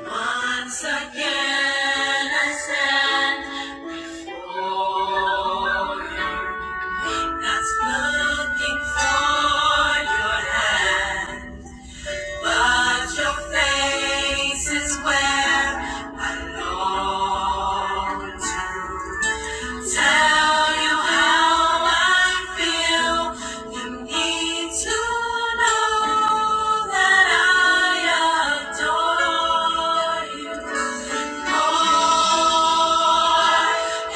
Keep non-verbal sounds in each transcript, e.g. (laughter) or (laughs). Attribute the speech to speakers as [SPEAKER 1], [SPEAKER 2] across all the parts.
[SPEAKER 1] Once again I stand for you. That's looking for your hand, but your face is where I long to. Tell you how I feel. You need to know that I adore you more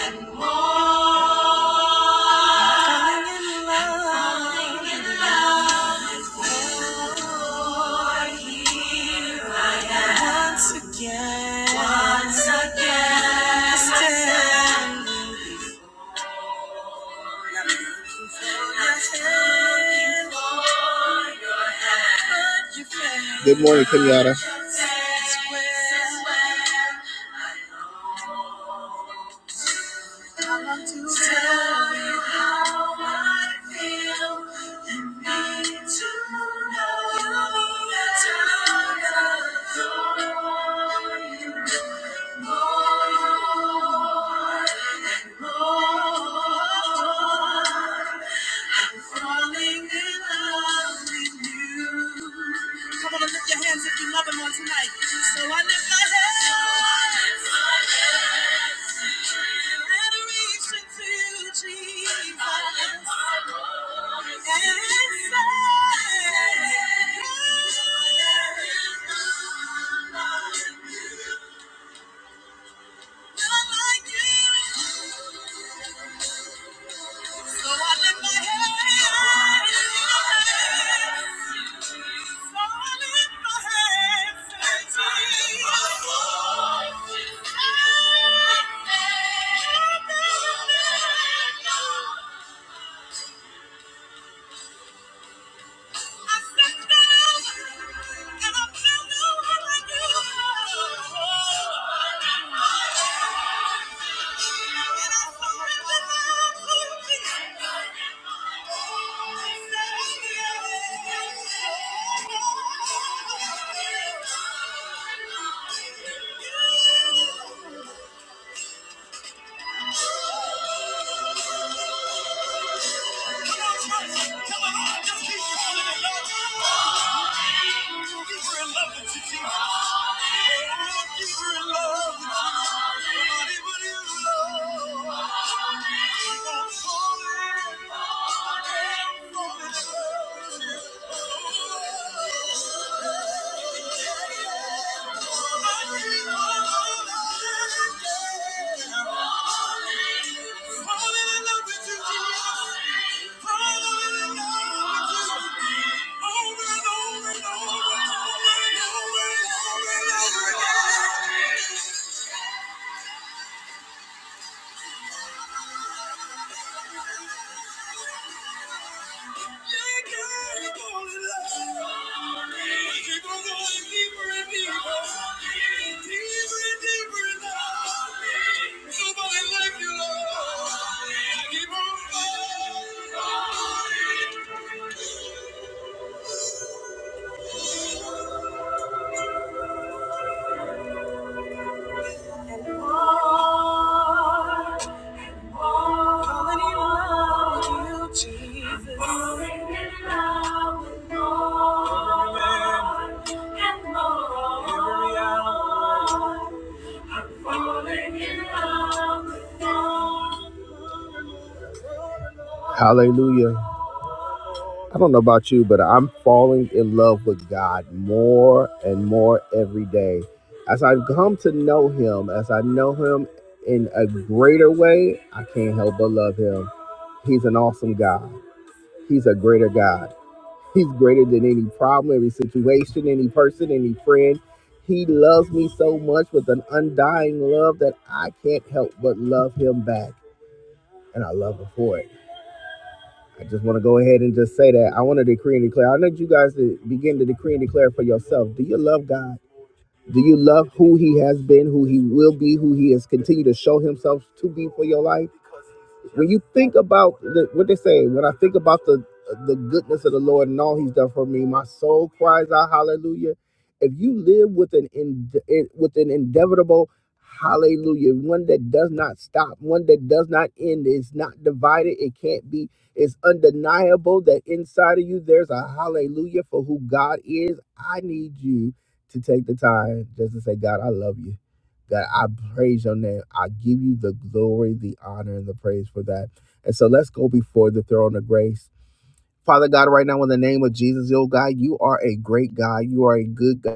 [SPEAKER 1] and more. Falling in love. Falling in love Once again. Once again. I stand. Good morning, Kenyatta. Come on and lift your hands if you love him on tonight. So I lift my hands. So I lift my hands. in Adoration to you, Jesus. I lift my voice. to you. And say, there is None like you. None like you. So I lift my hands. So I lift my hands and sing. I sit down and I feel no other you. Come on, church. Tell them just keep calling in love with Jesus. You in love with Jesus. Anybody Keep falling, in love with you. Over and over and over and over and over and over and over again. Keep on falling. Falling in love with you, Jesus. Falling in love with more and more. Every hour. I'm falling in love with more. Hallelujah. I don't know about you, but I'm falling in love with God more and more every day. As I come to know Him, as I know Him in a greater way, I can't help but love him. He's an awesome God. He's a greater God. He's greater than any problem, every situation, any person, any friend. He loves me so much with an undying love that I can't help but love him back. And I love him for it. I just want to go ahead and just say that. I want to decree and declare. I need you guys to begin to decree and declare for yourself. Do you love God? Do you love who he has been, who he will be, who he has continued to show himself to be for your life? when you think about the, what they say, when I think about the the goodness of the Lord and all He's done for me, my soul cries out hallelujah. If you live with an in, with an inevitable hallelujah, one that does not stop, one that does not end, is not divided, it can't be. It's undeniable that inside of you there's a hallelujah for who God is. I need you to take the time just to say, God, I love you. God, I praise your name. I give you the glory, the honor, and the praise for that. And so let's go before the throne of grace. Father God, right now, in the name of Jesus, oh God, you are a great God. You are a good God.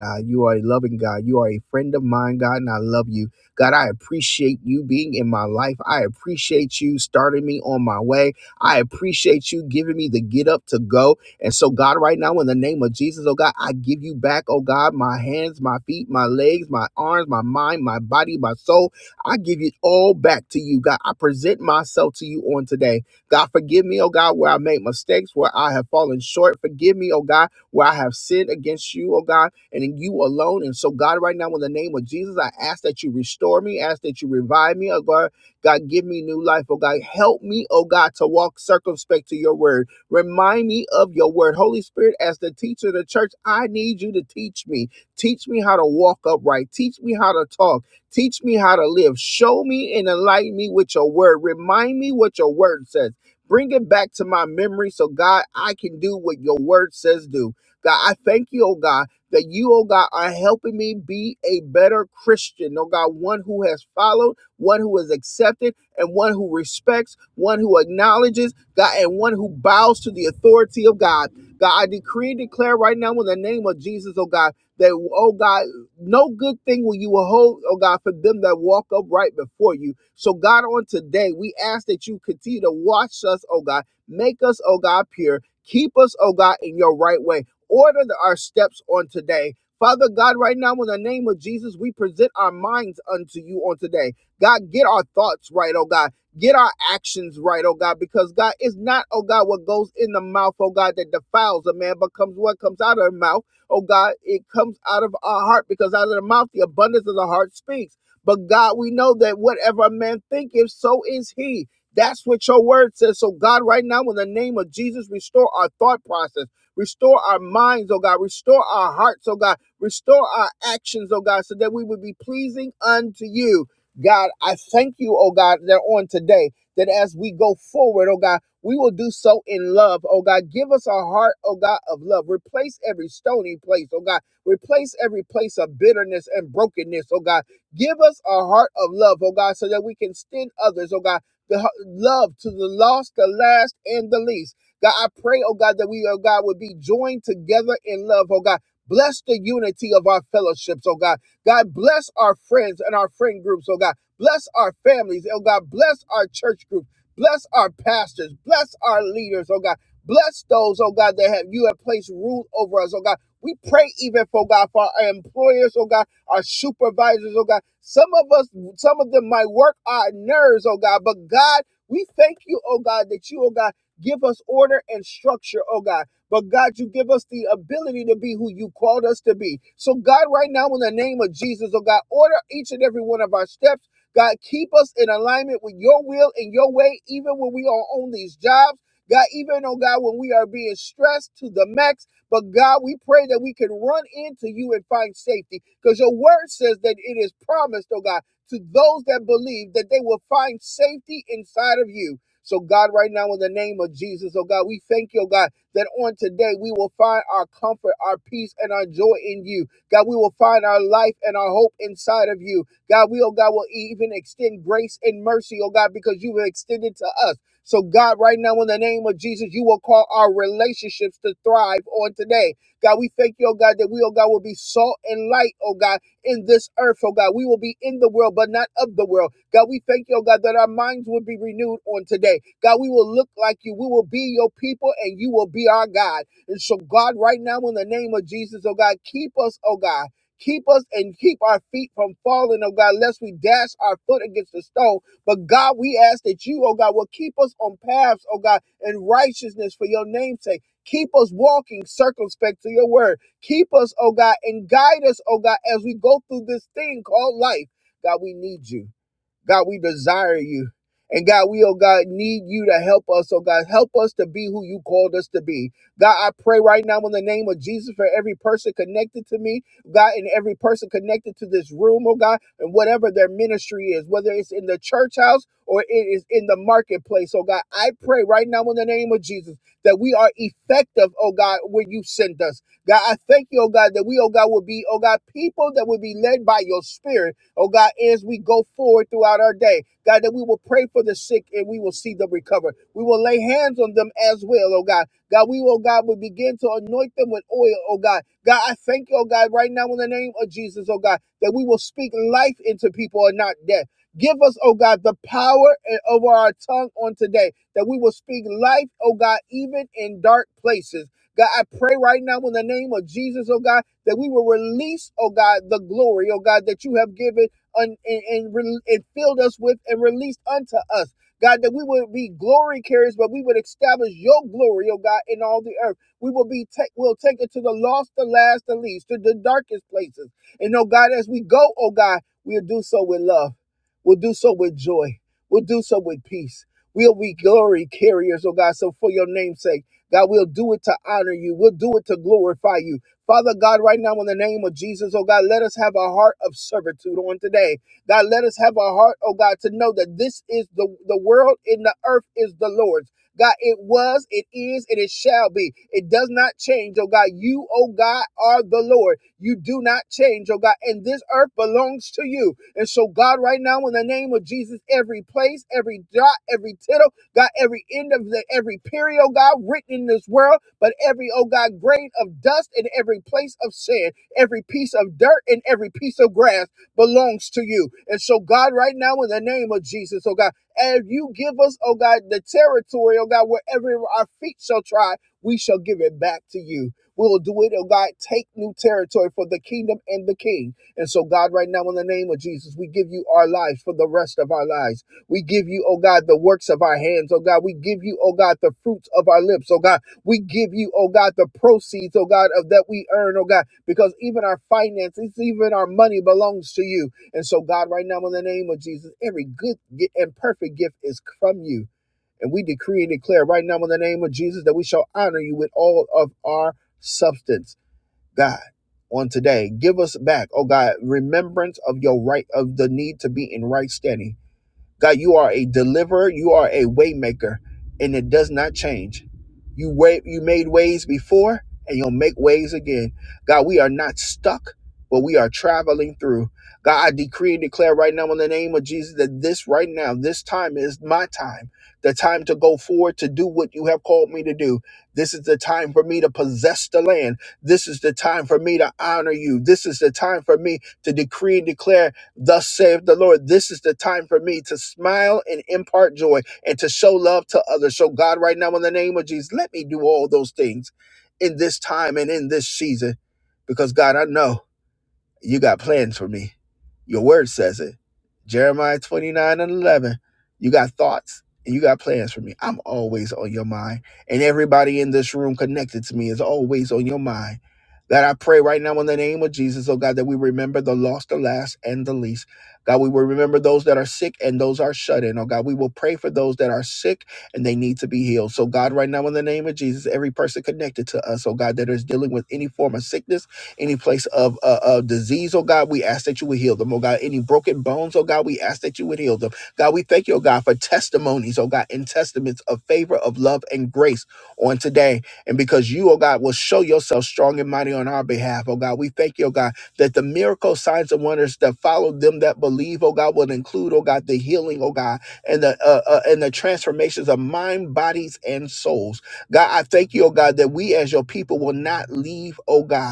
[SPEAKER 1] God. You are a loving God. You are a friend of mine, God, and I love you. God, I appreciate you being in my life. I appreciate you starting me on my way. I appreciate you giving me the get up to go. And so, God, right now, in the name of Jesus, oh God, I give you back, oh God, my hands, my feet, my legs, my arms, my mind, my body, my soul. I give it all back to you, God. I present myself to you on today. God, forgive me, oh God, where I made mistakes, where I have fallen short. Forgive me, oh God, where I have sinned against you, oh God and in you alone. And so, God, right now, in the name of Jesus, I ask that you restore me, ask that you revive me, oh God. God, give me new life, oh God. Help me, oh God, to walk circumspect to your word. Remind me of your word. Holy Spirit, as the teacher of the church, I need you to teach me. Teach me how to walk upright. Teach me how to talk. Teach me how to live. Show me and enlighten me with your word. Remind me what your word says. Bring it back to my memory so, God, I can do what your word says do. God, I thank you, oh God that you, oh God, are helping me be a better Christian. Oh God, one who has followed, one who is accepted, and one who respects, one who acknowledges, God, and one who bows to the authority of God. God, I decree and declare right now in the name of Jesus, oh God, that, oh God, no good thing will you hold, oh God, for them that walk upright before you. So, God, on today, we ask that you continue to watch us, oh God, make us, oh God, pure, keep us, oh God, in your right way. Order our steps on today. Father God, right now, in the name of Jesus, we present our minds unto you on today. God, get our thoughts right, oh God. Get our actions right, oh God, because God, it's not, oh God, what goes in the mouth, oh God, that defiles a man, but comes what comes out of the mouth, oh God, it comes out of our heart, because out of the mouth, the abundance of the heart speaks. But God, we know that whatever a man thinketh, so is he. That's what your word says. So, God, right now, in the name of Jesus, restore our thought process. Restore our minds, oh God. Restore our hearts, oh God. Restore our actions, oh God, so that we would be pleasing unto you. God, I thank you, oh God, that on today, that as we go forward, oh God, we will do so in love, oh God. Give us a heart, oh God, of love. Replace every stony place, oh God. Replace every place of bitterness and brokenness, oh God. Give us a heart of love, oh God, so that we can send others, oh God, the h- love to the lost, the last, and the least. God, I pray, oh God, that we, oh God, would be joined together in love, oh God. Bless the unity of our fellowships, oh God. God, bless our friends and our friend groups, oh God. Bless our families, oh God. Bless our church group. Bless our pastors. Bless our leaders, oh God. Bless those, oh God, that have you have placed rule over us, oh God. We pray even for God, for our employers, oh God, our supervisors, oh God. Some of us, some of them might work our nerves, oh God, but God, we thank you, oh God, that you, oh God. Give us order and structure, oh God. But God, you give us the ability to be who you called us to be. So, God, right now, in the name of Jesus, oh God, order each and every one of our steps. God, keep us in alignment with your will and your way, even when we are on these jobs. God, even, oh God, when we are being stressed to the max, but God, we pray that we can run into you and find safety because your word says that it is promised, oh God, to those that believe that they will find safety inside of you. So, God, right now, in the name of Jesus, oh God, we thank you, oh God, that on today we will find our comfort, our peace, and our joy in you. God, we will find our life and our hope inside of you. God, we, oh God, will even extend grace and mercy, oh God, because you have extended to us. So, God, right now, in the name of Jesus, you will call our relationships to thrive on today. God, we thank you, oh God, that we, oh God, will be salt and light, oh God in this earth, oh God. We will be in the world, but not of the world. God, we thank you, oh God, that our minds will be renewed on today. God, we will look like you. We will be your people and you will be our God. And so, God, right now, in the name of Jesus, oh God, keep us, oh God. Keep us and keep our feet from falling, oh God, lest we dash our foot against the stone. But God, we ask that you, oh God, will keep us on paths, oh God, in righteousness for your name's sake. Keep us walking circumspect to your word. Keep us, oh God, and guide us, oh God, as we go through this thing called life. God, we need you. God, we desire you. And God, we, oh God, need you to help us. Oh God, help us to be who you called us to be. God, I pray right now in the name of Jesus for every person connected to me, God, and every person connected to this room, oh God, and whatever their ministry is, whether it's in the church house or it is in the marketplace, oh God. I pray right now in the name of Jesus that we are effective, oh God, when you send us. God, I thank you, oh God, that we, oh God, will be, oh God, people that will be led by your spirit Oh God, as we go forward throughout our day, God, that we will pray for the sick and we will see them recover. We will lay hands on them as well, oh God. God, we, oh God, will begin to anoint them with oil, oh God. God, I thank you, oh God, right now in the name of Jesus, oh God, that we will speak life into people and not death. Give us, oh God, the power and- over our tongue on today, that we will speak life, oh God, even in dark places. God, I pray right now in the name of Jesus, oh God that we will release, oh God, the glory, oh God, that you have given un- and, and, re- and filled us with and released unto us. God, that we would be glory carriers, but we would establish your glory, oh God, in all the earth. We will be take we'll take it to the lost, the last, the least, to the darkest places. And oh God, as we go, oh God, we'll do so with love. We'll do so with joy. We'll do so with peace. We'll be glory carriers, oh God. So for your name's sake, God, we'll do it to honor you. We'll do it to glorify you. Father God, right now in the name of Jesus, oh God, let us have a heart of servitude on today. God, let us have a heart, oh God, to know that this is the, the world and the earth is the Lord's. God, it was, it is, and it shall be. It does not change, oh God. You, oh God, are the Lord. You do not change, oh God. And this earth belongs to you. And so, God, right now, in the name of Jesus, every place, every dot, every tittle, God, every end of the, every period, oh God, written in this world, but every, oh God, grain of dust and every place of sin, every piece of dirt and every piece of grass belongs to you. And so, God, right now, in the name of Jesus, oh God, as you give us, oh God, the territory, oh God, wherever our feet shall try, we shall give it back to you. We will do it, oh God, take new territory for the kingdom and the king. And so, God, right now, in the name of Jesus, we give you our lives for the rest of our lives. We give you, oh God, the works of our hands, oh God. We give you, oh God, the fruits of our lips, oh God. We give you, oh God, the proceeds, oh God, of that we earn, oh God, because even our finances, even our money belongs to you. And so, God, right now, in the name of Jesus, every good and perfect gift is from you. And we decree and declare right now, in the name of Jesus, that we shall honor you with all of our substance, God. On today, give us back, oh God, remembrance of your right of the need to be in right standing. God, you are a deliverer, you are a waymaker, and it does not change. You way, you made ways before, and you'll make ways again. God, we are not stuck, but we are traveling through. God, I decree and declare right now in the name of Jesus that this right now, this time is my time, the time to go forward to do what you have called me to do. This is the time for me to possess the land. This is the time for me to honor you. This is the time for me to decree and declare Thus saith the Lord, this is the time for me to smile and impart joy and to show love to others. So, God, right now, in the name of Jesus, let me do all those things in this time and in this season because, God, I know. You got plans for me. Your word says it. Jeremiah 29 and 11. You got thoughts and you got plans for me. I'm always on your mind. And everybody in this room connected to me is always on your mind. That I pray right now in the name of Jesus, oh God, that we remember the lost, the last, and the least. God, we will remember those that are sick and those are shut in. Oh God, we will pray for those that are sick and they need to be healed. So, God, right now in the name of Jesus, every person connected to us, oh God, that is dealing with any form of sickness, any place of, uh, of disease, oh God, we ask that you would heal them, oh God. Any broken bones, oh God, we ask that you would heal them. God, we thank you, oh God, for testimonies, oh God, and testaments of favor, of love, and grace on today. And because you, oh God, will show yourself strong and mighty on our behalf, oh God, we thank you, oh God, that the miracle signs and wonders that follow them that believe, oh God, will include, oh God, the healing, oh God, and the uh, uh, and the transformations of mind, bodies, and souls. God, I thank you, oh God, that we as your people will not leave, oh God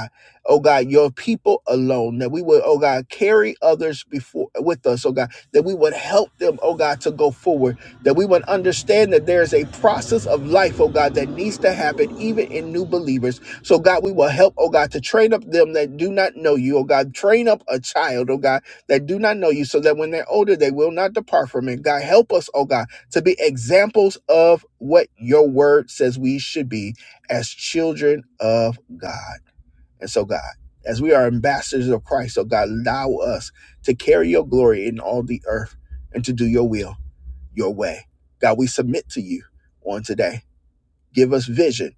[SPEAKER 1] oh God, your people alone, that we would, oh God, carry others before with us, oh God, that we would help them, oh God, to go forward, that we would understand that there is a process of life, oh God, that needs to happen even in new believers. So God, we will help, oh God, to train up them that do not know you, oh God, train up a child, oh God, that do not know you, so that when they're older, they will not depart from it. God, help us, oh God, to be examples of what your word says we should be as children of God. And so, God, as we are ambassadors of Christ, oh God, allow us to carry your glory in all the earth and to do your will, your way. God, we submit to you on today. Give us vision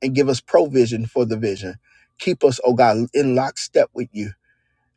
[SPEAKER 1] and give us provision for the vision. Keep us, oh God, in lockstep with you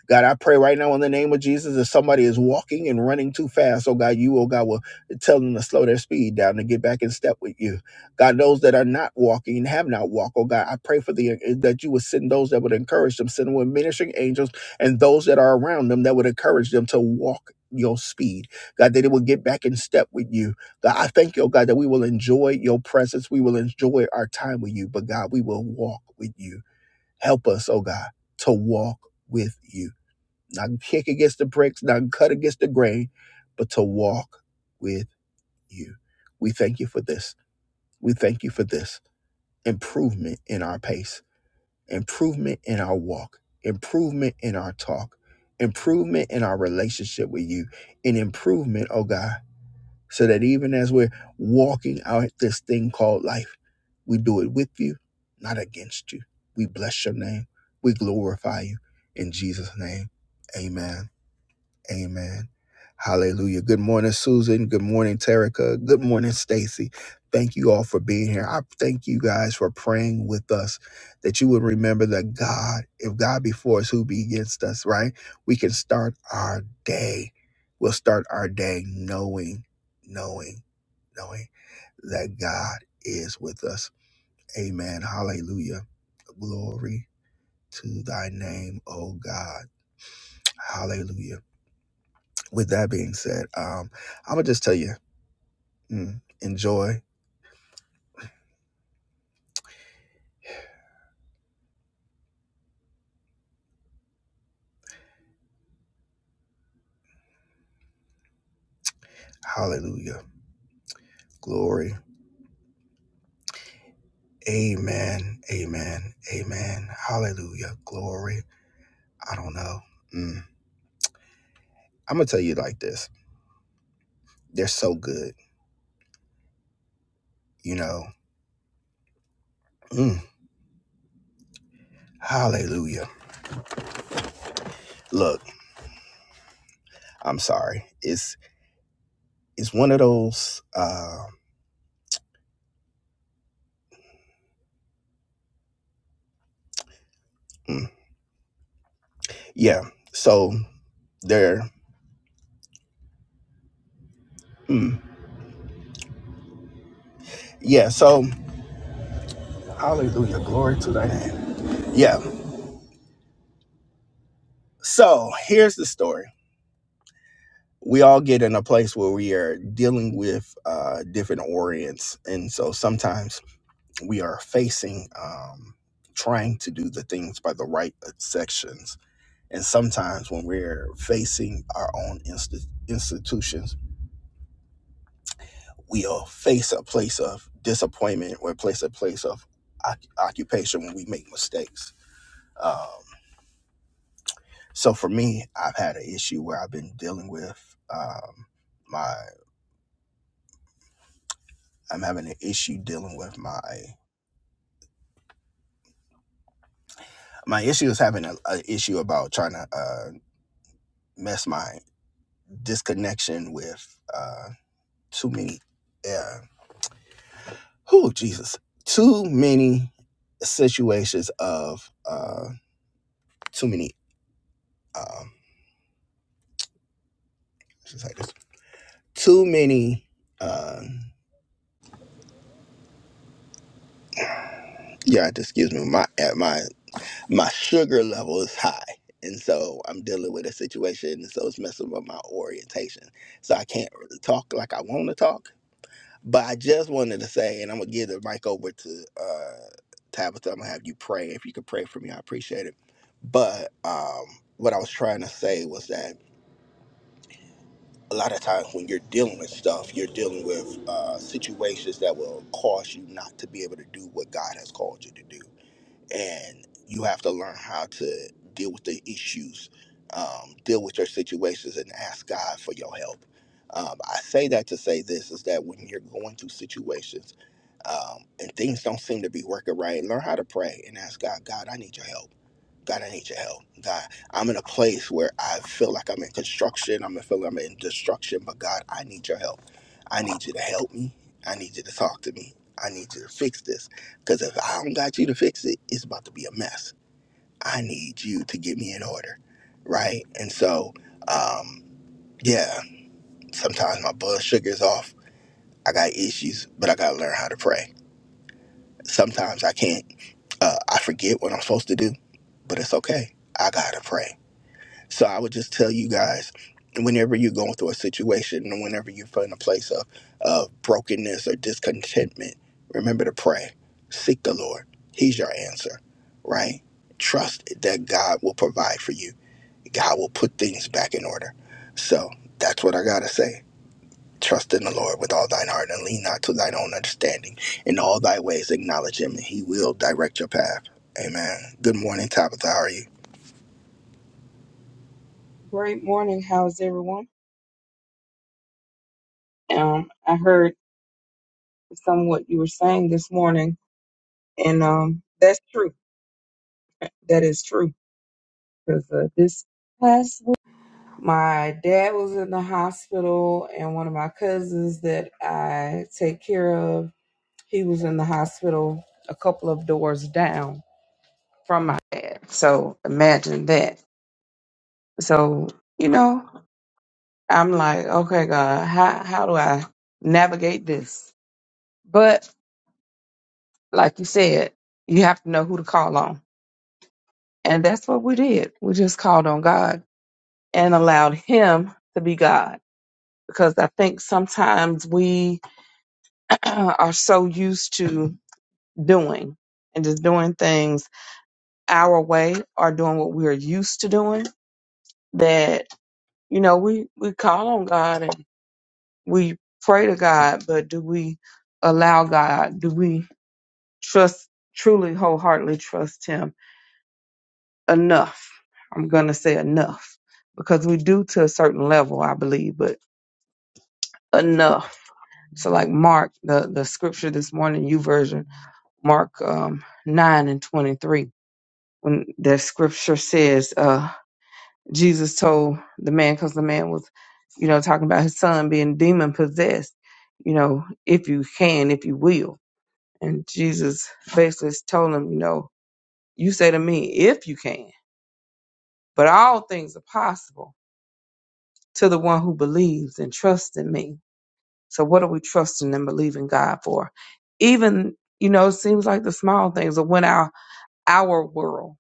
[SPEAKER 1] God, I pray right now in the name of Jesus, if somebody is walking and running too fast, oh God, you, oh God, will tell them to slow their speed down to get back in step with you. God, those that are not walking and have not walked, oh God, I pray for the that you would send those that would encourage them, send with ministering angels and those that are around them that would encourage them to walk your speed. God, that it will get back in step with you. God, I thank you, oh God, that we will enjoy your presence. We will enjoy our time with you, but God, we will walk with you. Help us, oh God, to walk with you not kick against the bricks, not cut against the grain, but to walk with you. We thank you for this. We thank you for this improvement in our pace, improvement in our walk, improvement in our talk, improvement in our relationship with you, and improvement, oh God, so that even as we're walking out this thing called life, we do it with you, not against you. We bless your name. We glorify you. In Jesus' name, amen. Amen. Hallelujah. Good morning, Susan. Good morning, Terica. Good morning, Stacy. Thank you all for being here. I thank you guys for praying with us that you would remember that God, if God be for us, who be against us, right? We can start our day. We'll start our day knowing, knowing, knowing that God is with us. Amen. Hallelujah. Glory to thy name, O God. Hallelujah with that being said, um, I'm gonna just tell you, mm, enjoy. Hallelujah. Glory. Amen. Amen. Amen. Hallelujah. Glory. I don't know. Mm. I'm gonna tell you like this. They're so good, you know. Mm. Hallelujah. Look, I'm sorry. It's it's one of those. Uh, mm, yeah. So they're. Mm, yeah. So hallelujah. Glory to thy name. Yeah. So here's the story. we all get in a place where we are dealing with uh, different orients. And so sometimes we are facing um, trying to do the things by the right sections. And sometimes when we're facing our own insti- institutions, we'll face a place of disappointment or place a place of oc- occupation when we make mistakes. Um, so for me, I've had an issue where I've been dealing with um, my, I'm having an issue dealing with my my issue is having a, a issue about trying to uh, mess my disconnection with uh, too many. Uh, oh Jesus, too many situations of uh, too many. Um, just like this, too many. Uh, yeah, excuse me. My at my my sugar level is high. And so I'm dealing with a situation, and so it's messing with my orientation. So I can't really talk like I want to talk But I just wanted to say, and I'm gonna give the mic over to uh, Tabitha. I'm gonna have you pray. If you could pray for me, I appreciate it. But um, what I was trying to say was that a lot of times when you're dealing with stuff, you're dealing with uh, situations that will cause you not to be able to do what God has called you to do and you have to learn how to deal with the issues, um, deal with your situations, and ask God for your help. Um, I say that to say this is that when you're going through situations um, and things don't seem to be working right, learn how to pray and ask God, God, I need your help. God, I need your help. God, I'm in a place where I feel like I'm in construction. I'm feeling I'm in destruction, but God, I need your help. I need you to help me. I need you to talk to me. I need you to fix this. Because if I don't got you to fix it, it's about to be a mess. I need you to get me in order. Right? And so, um, yeah, sometimes my blood sugar's off. I got issues, but I got to learn how to pray. Sometimes I can't. Uh, I forget what I'm supposed to do, but it's okay. I got to pray. So I would just tell you guys, whenever you're going through a situation and whenever you're in a place of, of brokenness or discontentment, remember to pray. Seek the Lord. He's your answer, right? Trust that God will provide for you. God will put things back in order. So that's what I gotta say. Trust in the Lord with all thine heart and lean not to thine own understanding. In all thy ways acknowledge him and he will direct your path. Amen. Good morning, Tabitha. How are you?
[SPEAKER 2] Great morning. How's everyone? Um, I heard some what you were saying this morning, and um, that's true. That is true. Because uh, this past week, my dad was in the hospital, and one of my cousins that I take care of, he was in the hospital a couple of doors down from my dad. So imagine that. So you know, I'm like, okay, God, how how do I navigate this? But like you said, you have to know who to call on. And that's what we did. We just called on God and allowed Him to be God. Because I think sometimes we (clears throat) are so used to doing and just doing things our way or doing what we're used to doing that, you know, we, we call on God and we pray to God, but do we allow God? Do we trust, truly wholeheartedly trust Him? enough. I'm going to say enough because we do to a certain level, I believe, but enough. So like Mark, the, the scripture this morning, you version, Mark um, 9 and 23, when the scripture says, uh, Jesus told the man, cause the man was, you know, talking about his son being demon possessed, you know, if you can, if you will. And Jesus basically told him, you know, you say to me, if you can, but all things are possible to the one who believes and trusts in me. So what are we trusting and believing God for? Even, you know, it seems like the small things of when our our world,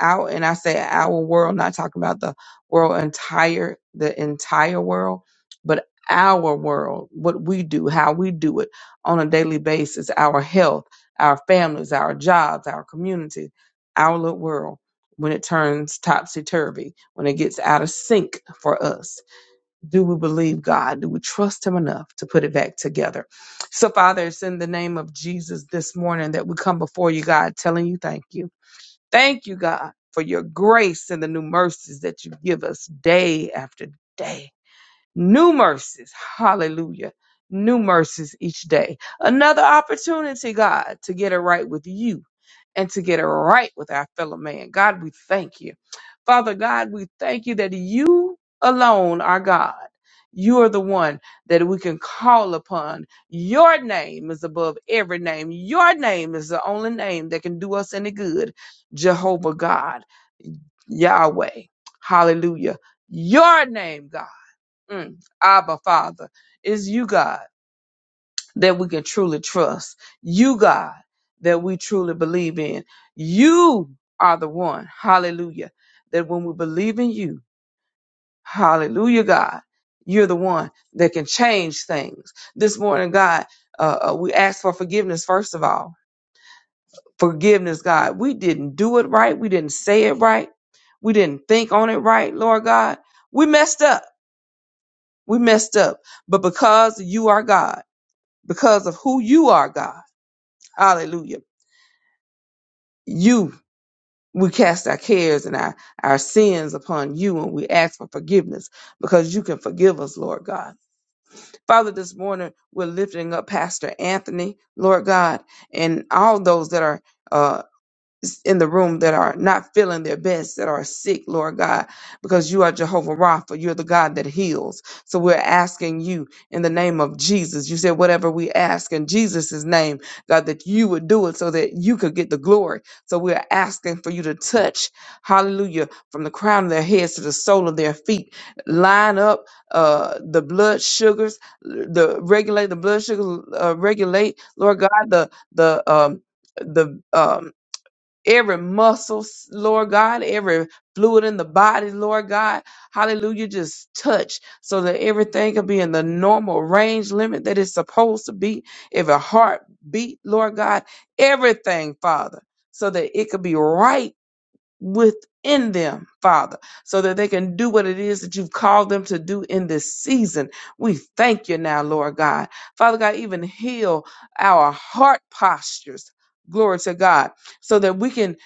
[SPEAKER 2] our and I say our world, not talking about the world entire the entire world, but our world, what we do, how we do it on a daily basis, our health, our families, our jobs, our community, our little world, when it turns topsy turvy, when it gets out of sync for us do we believe God? Do we trust Him enough to put it back together? So, Father, it's in the name of Jesus this morning that we come before you, God, telling you thank you. Thank you, God, for your grace and the new mercies that you give us day after day. New mercies. Hallelujah. New mercies each day. Another opportunity, God, to get it right with you and to get it right with our fellow man. God, we thank you. Father God, we thank you that you alone are God. You are the one that we can call upon. Your name is above every name. Your name is the only name that can do us any good. Jehovah God, Yahweh. Hallelujah. Your name, God. Mm. Abba, Father, it's you, God, that we can truly trust. You, God, that we truly believe in. You are the one, hallelujah, that when we believe in you, hallelujah, God, you're the one that can change things. This morning, God, uh, uh, we ask for forgiveness, first of all. Forgiveness, God. We didn't do it right. We didn't say it right. We didn't think on it right, Lord God. We messed up. We messed up. But because you are God, because of who you are, God. Hallelujah. You, we cast our cares and our, our sins upon you and we ask for forgiveness because you can forgive us, Lord God. Father, this morning we're lifting up Pastor Anthony, Lord God, and all those that are. uh, in the room that are not feeling their best, that are sick, Lord God, because you are Jehovah Rapha. You're the God that heals. So we're asking you in the name of Jesus. You said whatever we ask in Jesus' name, God, that you would do it so that you could get the glory. So we're asking for you to touch, hallelujah, from the crown of their heads to the sole of their feet. Line up uh, the blood sugars, the regulate the blood sugar, uh, regulate, Lord God, the, the, um, the, um, every muscle, s- Lord God, every fluid in the body, Lord God. Hallelujah. Just touch so that everything can be in the normal range limit that it's supposed to be. Every heartbeat, Lord God, everything, Father, so that it could be right within them, Father, so that they can do what it is that you've called them to do in this season. We thank you now, Lord God. Father God, even heal our heart postures. Glory to God, so that we can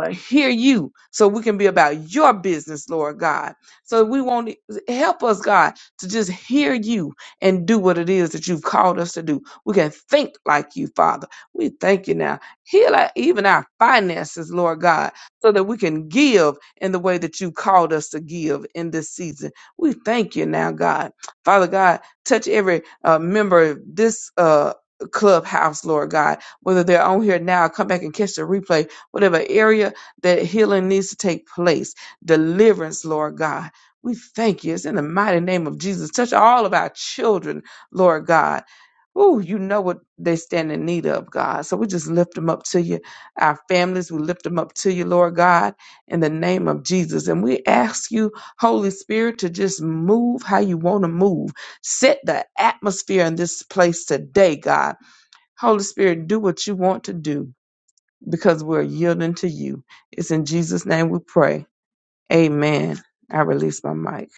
[SPEAKER 2] uh, hear you, so we can be about your business, Lord God. So we won't e, help us, God, to just hear you and do what it is that you've called us to do. We can think like you, Father. We thank you now. Heal our, even our finances, Lord God so that we can give in the way that you called us to give in this season. We thank you now, God. Father God, touch every uh, member of this uh, clubhouse, Lord God, whether they're on here now, come back and catch the replay, whatever area that healing needs to take place, deliverance, Lord God. We thank you. It's in the mighty name of Jesus. Touch all of our children, Lord God. Oh, you know what they stand in need of, God. So we just lift them up to you. Our families, we lift them up to you, Lord God, in the name of Jesus. And we ask you, Holy Spirit, to just move how you want to move. Set the atmosphere in this place today, God. Holy Spirit, do what you want to do because we're yielding to you. It's in Jesus' name we pray. Amen. I release my mic.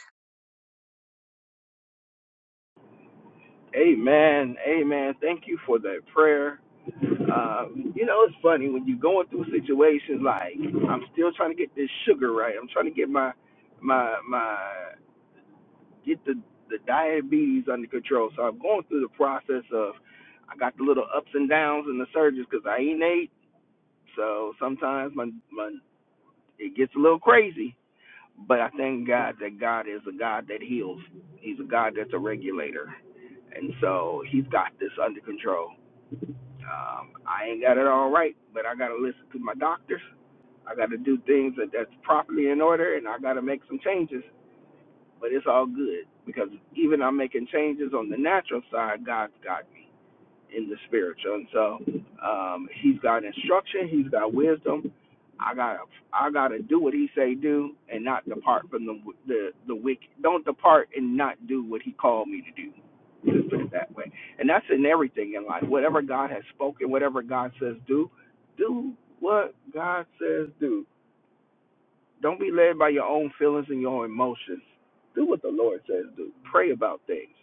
[SPEAKER 1] Amen. Amen. Thank you for that prayer. Um, you know, it's funny when you're going through situations like I'm still trying to get this sugar right. I'm trying to get my my my get the the diabetes under control. So I'm going through the process of I got the little ups and downs and the surges because I ain't ate. So sometimes my my it gets a little crazy. But I thank God that God is a God that heals. He's a God that's a regulator, and so He's got this under control Um, I ain't got it all right, but I got to listen to my doctors. I got to do things that, that's properly in order, and I got to make some changes. But it's all good because even I'm making changes on the natural side, God's got me in the spiritual. And so um, he's got instruction, he's got wisdom. I gotta I gotta do what he say do and not depart from the the the wicked. Don't depart and not do what he called me to do. Just put it that way. And that's in everything in life. Whatever God has spoken, whatever God says do, do what God says do. Don't be led by your own feelings and your own emotions. Do what the Lord says do. Pray about things,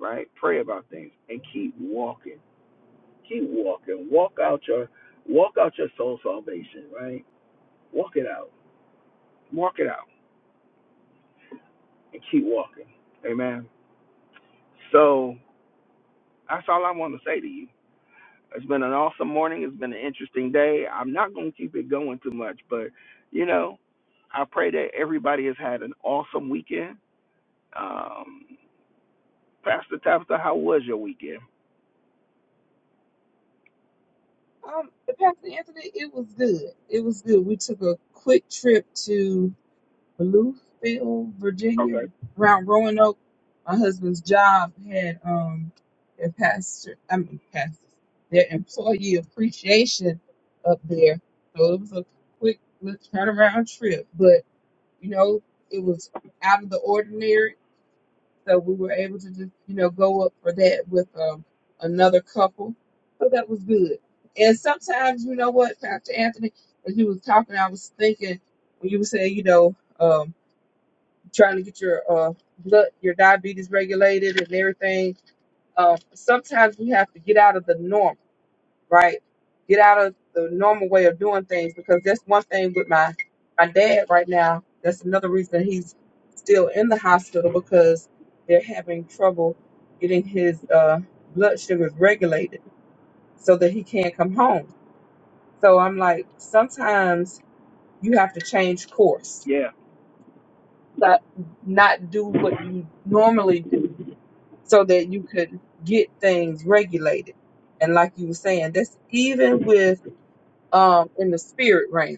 [SPEAKER 1] right? Pray about things and keep walking Keep walking. Walk out your walk out your soul salvation, right? Walk it out. Walk it out. And keep walking. Amen. So that's all I want to say to you. It's been an awesome morning. It's been an interesting day. I'm not gonna keep it going too much, but you know, I pray that everybody has had an awesome weekend. Um Pastor Tabitha, how was your weekend?
[SPEAKER 2] Um, Pastor Anthony, it was good. It was good. We took a quick trip to Bluefield, Virginia,
[SPEAKER 1] Okay.
[SPEAKER 2] around Roanoke. My husband's job had um their pastor, I mean pastor, their employee appreciation up there. So it was a quick little kind trip, but you know it was out of the ordinary, so we were able to just you know go up for that with um another couple. So that was good. And sometimes you know what, Pastor Anthony, as you was talking, I was thinking when you were saying you know. um trying to get your uh, blood, your diabetes regulated and everything. Uh, sometimes we have to get out of the normal, right? Get out of the normal way of doing things because that's one thing with my my dad right now. That's another reason he's still in the hospital because they're having trouble getting his uh, blood sugars regulated so that he can come home. So I'm like, sometimes you have to change course,
[SPEAKER 1] Yeah.
[SPEAKER 2] not, not do what you normally do so that you could get things regulated. And like you were saying, that's even with um in the spirit realm.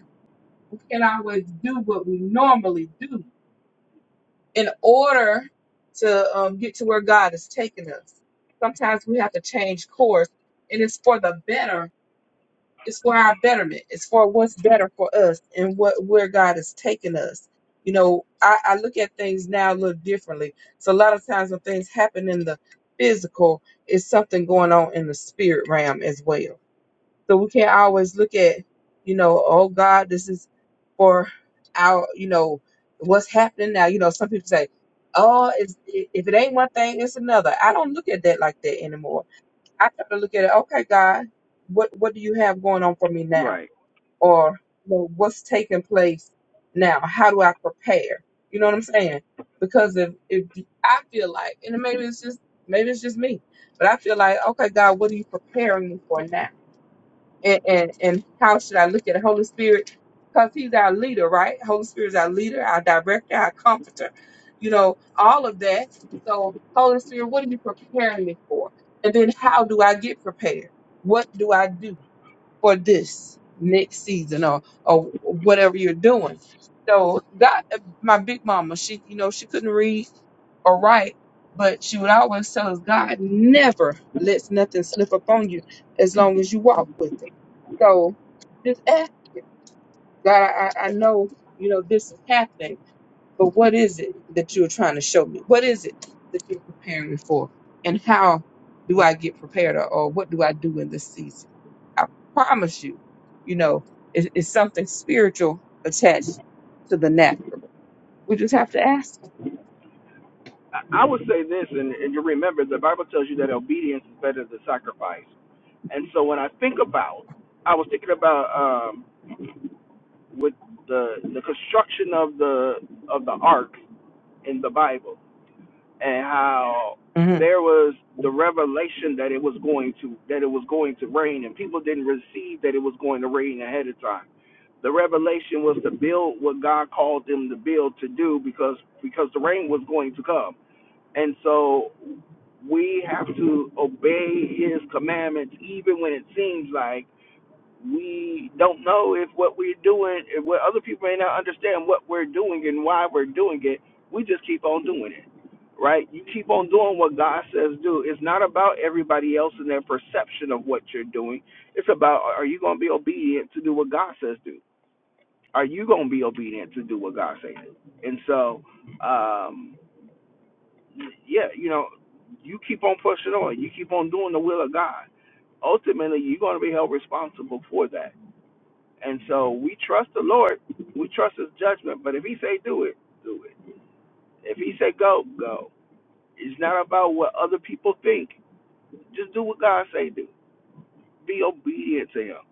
[SPEAKER 2] We can't always do what we normally do in order to um, get to where God is taking us. Sometimes we have to change course, and it's for the better it's for our betterment. It's for what's better for us and what where God has taken us. You know, I, I look at things now a little differently. So a lot of times when things happen in the physical, it's something going on in the spirit realm as well. So we can't always look at, you know, oh God, this is for our, you know, what's happening now. You know, some people say, oh, it's, if it ain't one thing, it's another. I don't look at that like that anymore I try to look at it, okay, God, what what do you have going on for me now?
[SPEAKER 1] Right.
[SPEAKER 2] Or you know, what's taking place now? How do I prepare? You know what I'm saying? Because if if I feel like, and maybe it's just maybe it's just me, but I feel like, okay, God, what are you preparing me for now? and, and, and how should I look at the Holy Spirit? Because He's our leader, right? Holy Spirit is our leader, our director, our comforter, you know, all of that. So, Holy Spirit, what are you preparing me for? And then how do I get prepared? What do I do for this next season or, or whatever you're doing? So, God, my big mama, she, you know, she couldn't read or right. But she would always tell us, God never lets nothing slip up on you as long as you walk with Him. So just ask Him, God, I, I I know, you know, this is happening, but what is it that you're trying to show me? What is it that you're preparing me for? And how do I get prepared or, or what do I do in this season? I promise you, you know, it, it's something spiritual attached to the natural. We just have to ask. Him.
[SPEAKER 1] I would say this, and, and you remember the Bible tells you that obedience is better than sacrifice. And so when I think about, I was thinking about um, with the the construction of the of the ark in the Bible, and how
[SPEAKER 2] hmm
[SPEAKER 1] there was the revelation that it was going to that it was going to rain, and people didn't receive that it was going to rain ahead of time. The revelation was to build what God called them to build to do because because the rain was going to come and so we have to obey his commandments even when it seems like we don't know if what we're doing, if what other people may not understand what we're doing and why we're doing it. We just keep on doing it, right? You keep on doing what God says do. It's not about everybody else and their perception of what you're doing. It's about are you going to be obedient to do what God says do? Are you going to be obedient to do what God says do? And so, um, yeah, you know, you keep on pushing on. You keep on doing the will of God. Ultimately, you're going to be held responsible for that. And so we trust the Lord. We trust His judgment. But if He say do it, do it. If He say go, go. It's not about what other people think. Just do what God say do. Be obedient to Him,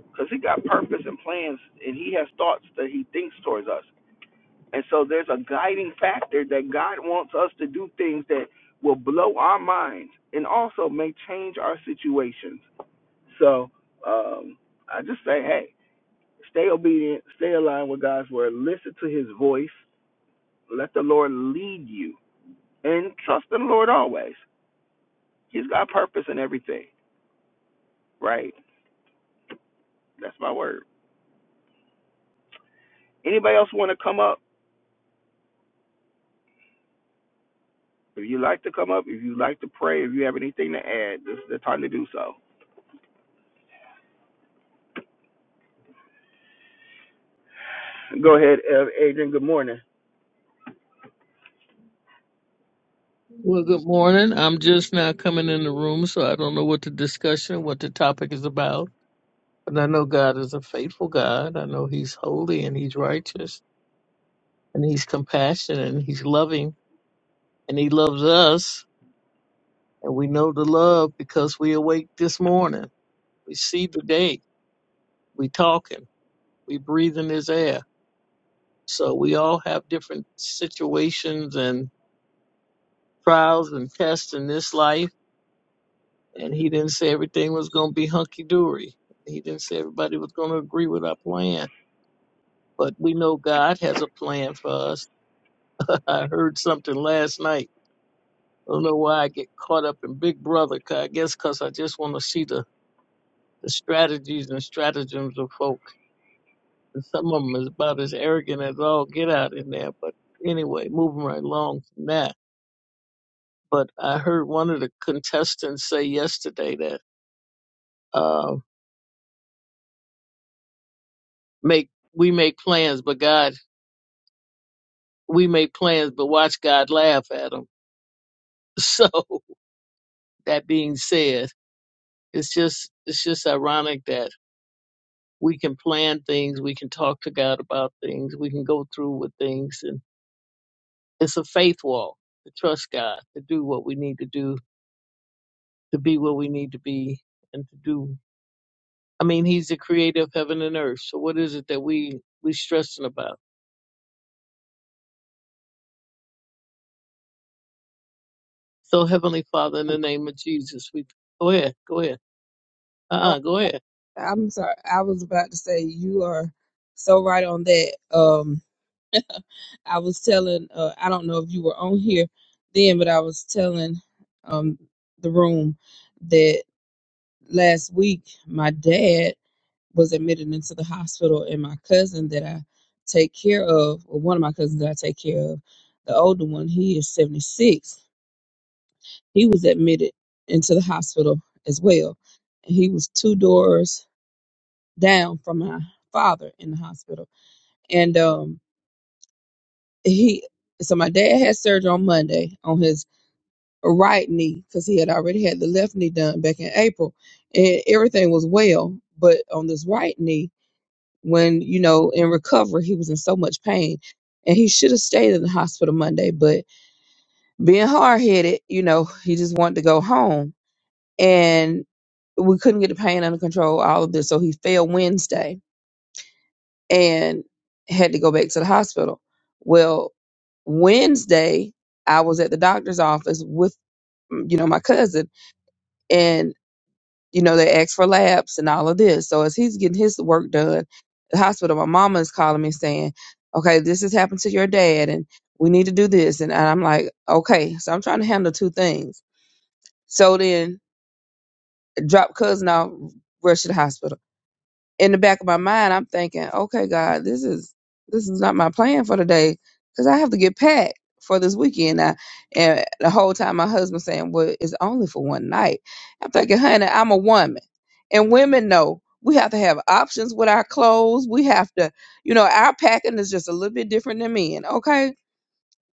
[SPEAKER 1] because He got purpose and plans, and He has thoughts that He thinks towards us. And so there's a guiding factor that God wants us to do things that will blow our minds and also may change our situations. So um, I just say, hey, stay obedient, stay aligned with God's word, listen to his voice, let the Lord lead you, and trust in the Lord always. He's got purpose in everything, right? That's my word. Anybody else want to come up? If you like to come up, if you like to pray, if you have anything to add, this is the time to do so. Go ahead, Adrian. Good morning.
[SPEAKER 3] Well, good morning. I'm just now coming in the room, so I don't know what the discussion, what the topic is about. But I know God is a faithful God. I know He's holy and He's righteous and He's compassionate and He's loving and He loves us. And we know the love because we awake this morning. We see the day. We talking. We breathing His air. So we all have different situations and trials and tests in this life and he didn't say everything was going to be hunky dory. He didn't say everybody was going to agree with our plan. But we know God has a plan for us. (laughs) I heard something last night. I don't know why I get caught up in Big Brother. 'cause I guess because I just want to see the, the strategies and stratagems of folk. And some of them is about as arrogant as all get out in there. But anyway, moving right along from that. But I heard one of the contestants say yesterday that uh, make we make plans, but God. we make plans, but watch God laugh at them. (laughs) So that being said, it's just it's just ironic that we can plan things, we can talk to God about things, we can go through with things, and it's a faith walk to trust God, to do what we need to do, to be what we need to be, and to do. I mean, He's the creator of heaven and earth. So what is it that we we stressing about? So Heavenly Father, in the name of Jesus, we go ahead, go ahead, uh,
[SPEAKER 2] Oh,
[SPEAKER 3] uh go ahead.
[SPEAKER 2] I'm sorry. I was about to say you are so right on that. Um, I was telling, uh, I don't know if you were on here then, but I was telling um the room that last week my dad was admitted into the hospital, and my cousin that I take care of, or one of my cousins that I take care of, the older one, he is 76, He was admitted into the hospital as well. And he was two doors down from my father in the hospital. And um, he, so my dad had surgery on Monday on his right knee because he had already had the left knee done back in April. And everything was well. But on this right knee, when, you know, in recovery, he was in so much pain. And he should have stayed in the hospital Monday, but being hard headed, you know, he just wanted to go home. And we couldn't get the pain under control, all of this. So he fell Wednesday and had to go back to the hospital. Well, Wednesday, I was at the doctor's office with, mm, you know, my cousin, and, you know, they asked for labs and all of this. So as he's getting his work done at the hospital, my mama is calling me saying, okay, this has happened to your dad, and we need to do this. And, and I'm like, okay. So I'm trying to handle two things. So then, drop cousin off, rush to the hospital in the back of my mind, I'm thinking, okay, God, this is this is not my plan for today because I have to get packed for this weekend. Now, and the whole time, my husband saying, "Well, it's only for one night." I'm thinking, honey, I'm a woman, and women know we have to have options with our clothes. We have to, you know, our packing is just a little bit different than men. Okay,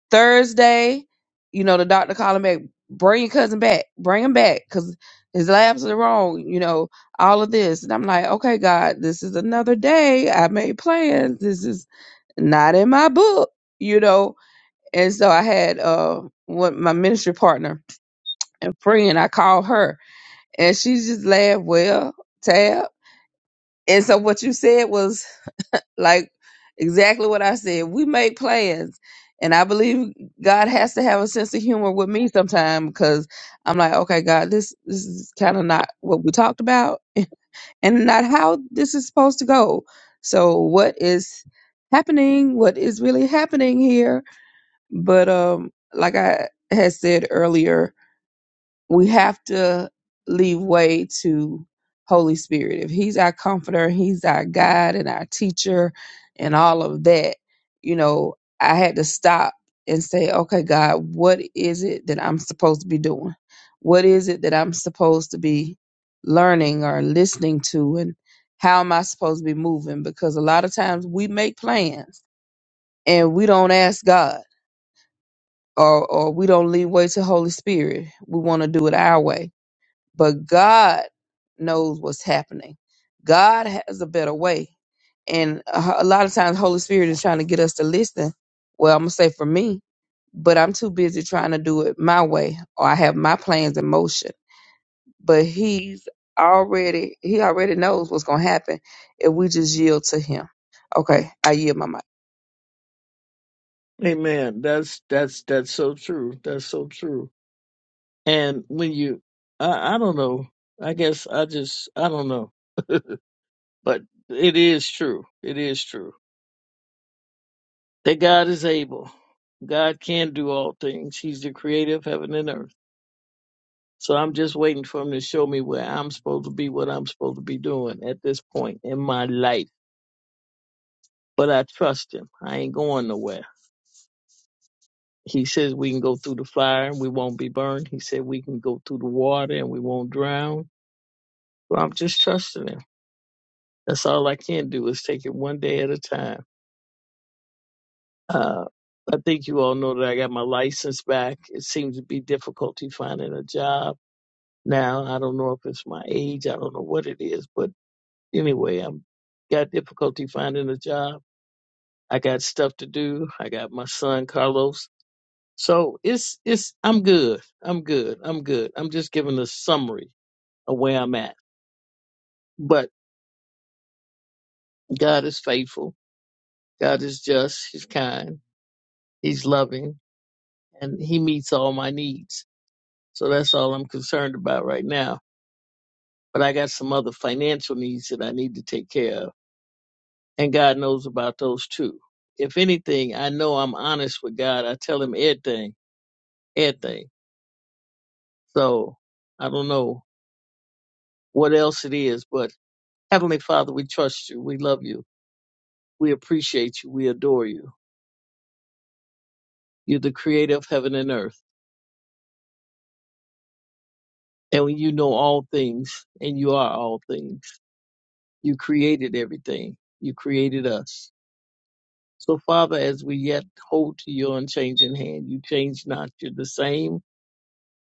[SPEAKER 2] Thursday, you know, the doctor calling back, bring your cousin back, bring him back, cause his labs are wrong, you know, all of this. And I'm like, okay, God, this is another day. I made plans. This is not in my book, you know. And so I had uh what my ministry partner and friend, I called her and she just laughed, well, Tab. And so what you said was like exactly what I said. We make plans. And I believe God has to have a sense of humor with me sometime because I'm like, okay, God, this this is kind of not what we talked about (laughs) and not how this is supposed to go. So what is happening? What is really happening here? But um like I had said earlier, we have to leave way to Holy Spirit. If He's our comforter, He's our guide and our teacher and all of that, you know, I had to stop and say, okay, God, what is it that I'm supposed to be doing? What is it that I'm supposed to be learning or listening to? And how am I supposed to be moving? Because a lot of times we make plans and we don't ask God or, or we don't leave way to Holy Spirit. We want to do it our way but God knows what's happening. God has a better way. And a a lot of times, Holy Spirit is trying to get us to listen. Well, I'm going to say for me, but I'm too busy trying to do it my way or I have my plans in motion. But He's already, He already knows what's going to happen if we just yield to Him. Okay, I yield my mic.
[SPEAKER 3] Amen. That's that's that's so true. That's so true. And when you, I, I don't know. I guess I just I don't know. But it is true. It is true that God is able. God can do all things. He's the creator of heaven and earth. So I'm just waiting for him to show me where I'm supposed to be, what I'm supposed to be doing at this point in my life. But I trust him. I ain't going nowhere. He says we can go through the fire and we won't be burned. He said we can go through the water and we won't drown. Well, I'm just trusting him. That's all I can do is take it one day at a time. Uh, I think you all know that I got my license back. It seems to be difficulty finding a job now. I don't know if it's my age. I don't know what it is, but anyway, I'm got difficulty finding a job. I got stuff to do. I got my son Carlos. So it's it's I'm good. I'm good. I'm good. I'm just giving a summary of where I'm at. But God is faithful. God is just. He's kind. He's loving and he meets all my needs. So that's all I'm concerned about right now. But I got some other financial needs that I need to take care of. And God knows about those too. If anything, I know I'm honest with God. I tell him everything, everything. So I don't know what else it is, but Heavenly Father, we trust you. We love you. We appreciate you. We adore you. You're the creator of heaven and earth. And you know all things and you are all things. You created everything. You created us. So, Father, as we yet hold to your unchanging hand, you change not. You're the same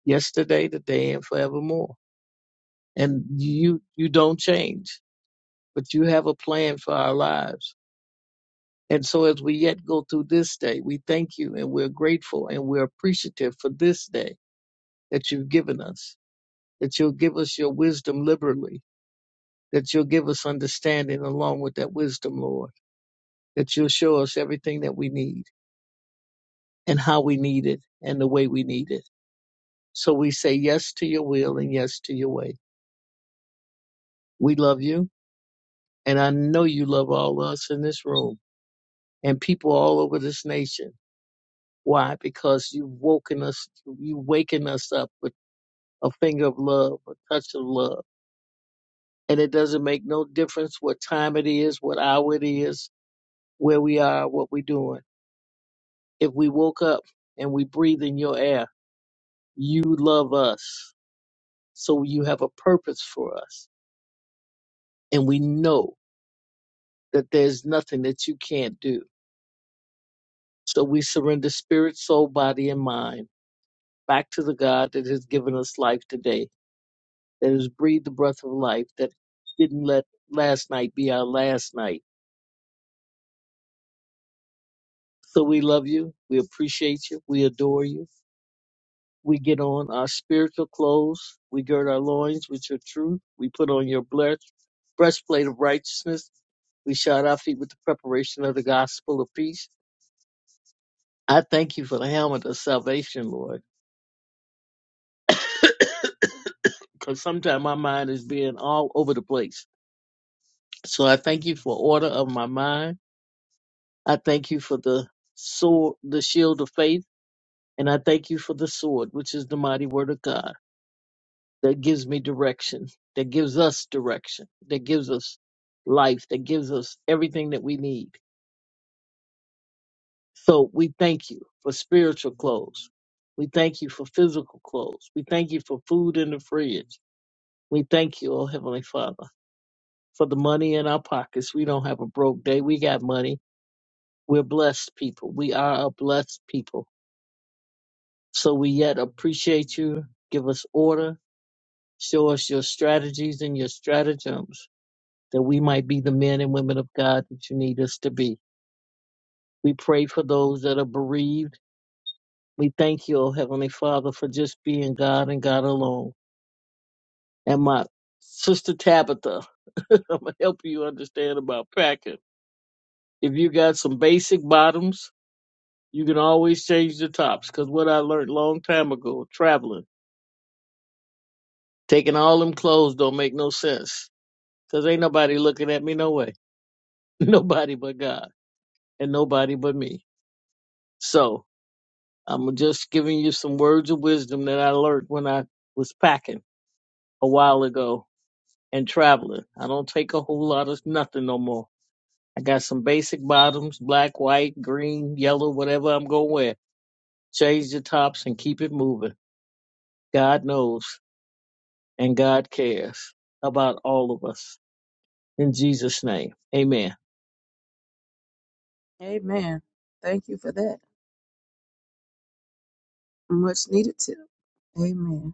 [SPEAKER 3] yesterday, today, and forevermore. And you you don't change, but you have a plan for our lives. And so as we yet go through this day, we thank you and we're grateful and we're appreciative for this day that you've given us, that you'll give us your wisdom liberally, that you'll give us understanding along with that wisdom, Lord, that you'll show us everything that we need and how we need it and the way we need it. So we say yes to your will and yes to your way. We love you. And I know you love all of us in this room and people all over this nation. Why? Because you've woken us, you waken us up with a finger of love, a touch of love. And it doesn't make no difference what time it is, what hour it is, where we are, what we're doing. If we woke up and we breathe in your air, you love us. So you have a purpose for us and we know that there's nothing that you can't do. So we surrender spirit, soul, body, and mind back to the God that has given us life today, that has breathed the breath of life, that didn't let last night be our last night. So we love you. We appreciate you. We adore you. We get on our spiritual clothes. We gird our loins with your truth. We put on your breast, breastplate of righteousness. We shod our feet with the preparation of the gospel of peace. I thank you for the helmet of salvation, Lord. because sometimes my mind is being all over the place. So I thank you for order of my mind. I thank you for the sword, the shield of faith, and I thank you for the sword, which is the mighty word of God that gives me direction, that gives us direction, that gives us life, that gives us everything that we need. So we thank you for spiritual clothes. We thank you for physical clothes. We thank you for food in the fridge. We thank you, oh Heavenly Father. for the money in our pockets. We don't have a broke day. We got money. We're blessed people. We are a blessed people. So we yet appreciate you. Give us order. Show us your strategies and your stratagems that we might be the men and women of God that you need us to be. We pray for those that are bereaved. We thank you, O Heavenly Father, for just being God and God alone. And my sister Tabitha, (laughs) I'm going to help you understand about packing. If you got some basic bottoms, You can always change the tops, cause what I learned long time ago, traveling, taking all them clothes don't make no sense, cause ain't nobody looking at me no way, (laughs) nobody but God and nobody but me. So I'm just giving you some words of wisdom that I learned when I was packing a while ago and traveling. I don't take a whole lot of nothing no more. I got some basic bottoms, black, white, green, yellow, whatever I'm gonna wear. Change the tops and keep it moving. God knows. and God cares about all of us. In Jesus' name, amen.
[SPEAKER 2] Amen. Thank you for that. Much needed tip. Amen.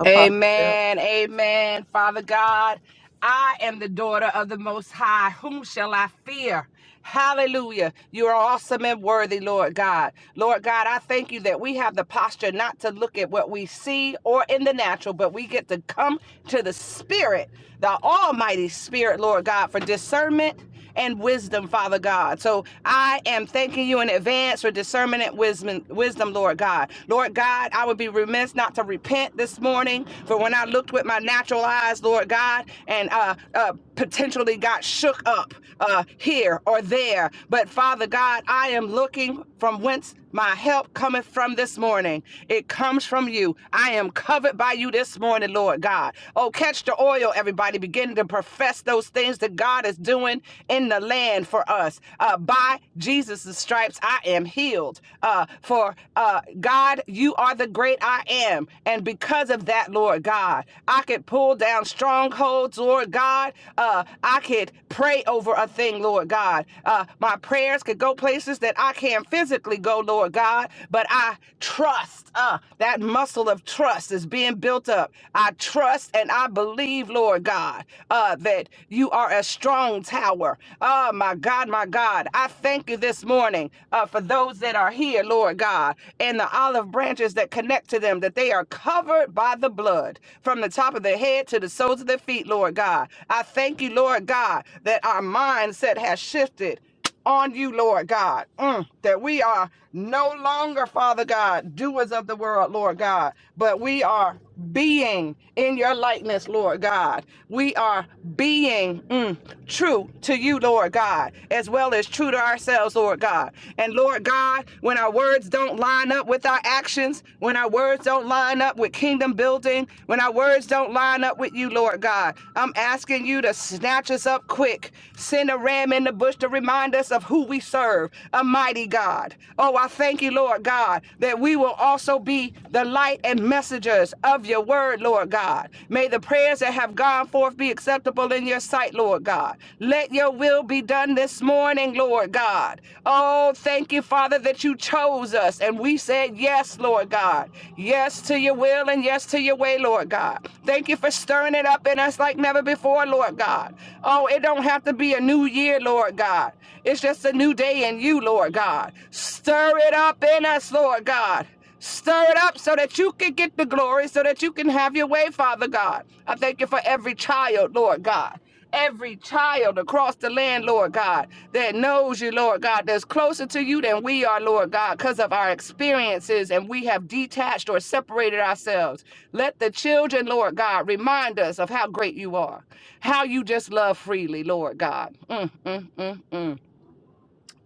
[SPEAKER 2] Apostle Phil.
[SPEAKER 4] Amen. Amen. Father God, I am the daughter of the Most High. Whom shall I fear? Hallelujah. You are awesome and worthy, Lord God. Lord God, I thank you that we have the posture not to look at what we see or in the natural, but we get to come to the Spirit, the Almighty Spirit, Lord God, for discernment and wisdom, Father God. So I am thanking you in advance for discernment and wisdom, wisdom, Lord God. Lord God, I would be remiss not to repent this morning for when I looked with my natural eyes, Lord God, and uh, uh, potentially got shook up uh, here or there. But Father God, I am looking from whence my help cometh from this morning. It comes from you. I am covered by you this morning, Lord God. Oh, catch the oil, everybody. Begin to ready to profess those things that God is doing in the land for us. Uh, by Jesus' stripes, I am healed. Uh, for uh, God, you are the great I am. And because of that, Lord God, I could pull down strongholds, Lord God. Uh, I could pray over a thing, Lord God. Uh, my prayers could go places that I can't physically go, Lord God, but I trust. Uh, that muscle of trust is being built up. I trust and I believe, Lord God, uh, that you are a strong tower. Oh, my God, my God. I thank you this morning uh, for those that are here, Lord God, and the olive branches that connect to them, that they are covered by the blood from the top of their head to the soles of their feet, Lord God. I thank you, Lord God, that our mindset has shifted on you, Lord God, Mm, that we are no longer, Father God, doers of the world, Lord God, but we are being in your likeness, Lord God. We are being mm, true to you, Lord God, as well as true to ourselves, Lord God. And Lord God, when our words don't line up with our actions, when our words don't line up with kingdom building, when our words don't line up with you, Lord God, I'm asking you to snatch us up quick, send a ram in the bush to to remind us of who we serve, a mighty God. Oh, I thank you, Lord God, that we will also be the light and messengers of your word, Lord God. May the prayers that have gone forth be acceptable in your sight, Lord God. Let your will be done this morning, Lord God. Oh, thank you, Father, that you chose us and we said yes, Lord God. Yes to your will and yes to your way, Lord God. Thank you for stirring it up in us like never before, Lord God. Oh, it don't have to be a new year, Lord. Lord God. It's just a new day in you, Lord God. Stir it up in us, Lord God. Stir it up so that you can get the glory, so that you can have your way, Father God. I thank you for every child, Lord God. Every child across the land, Lord God, that knows you, Lord God, that's closer to you than we are, Lord God, because of our experiences and we have detached or separated ourselves. Let the children, Lord God, remind us of how great you are, how you just love freely, Lord God. Mm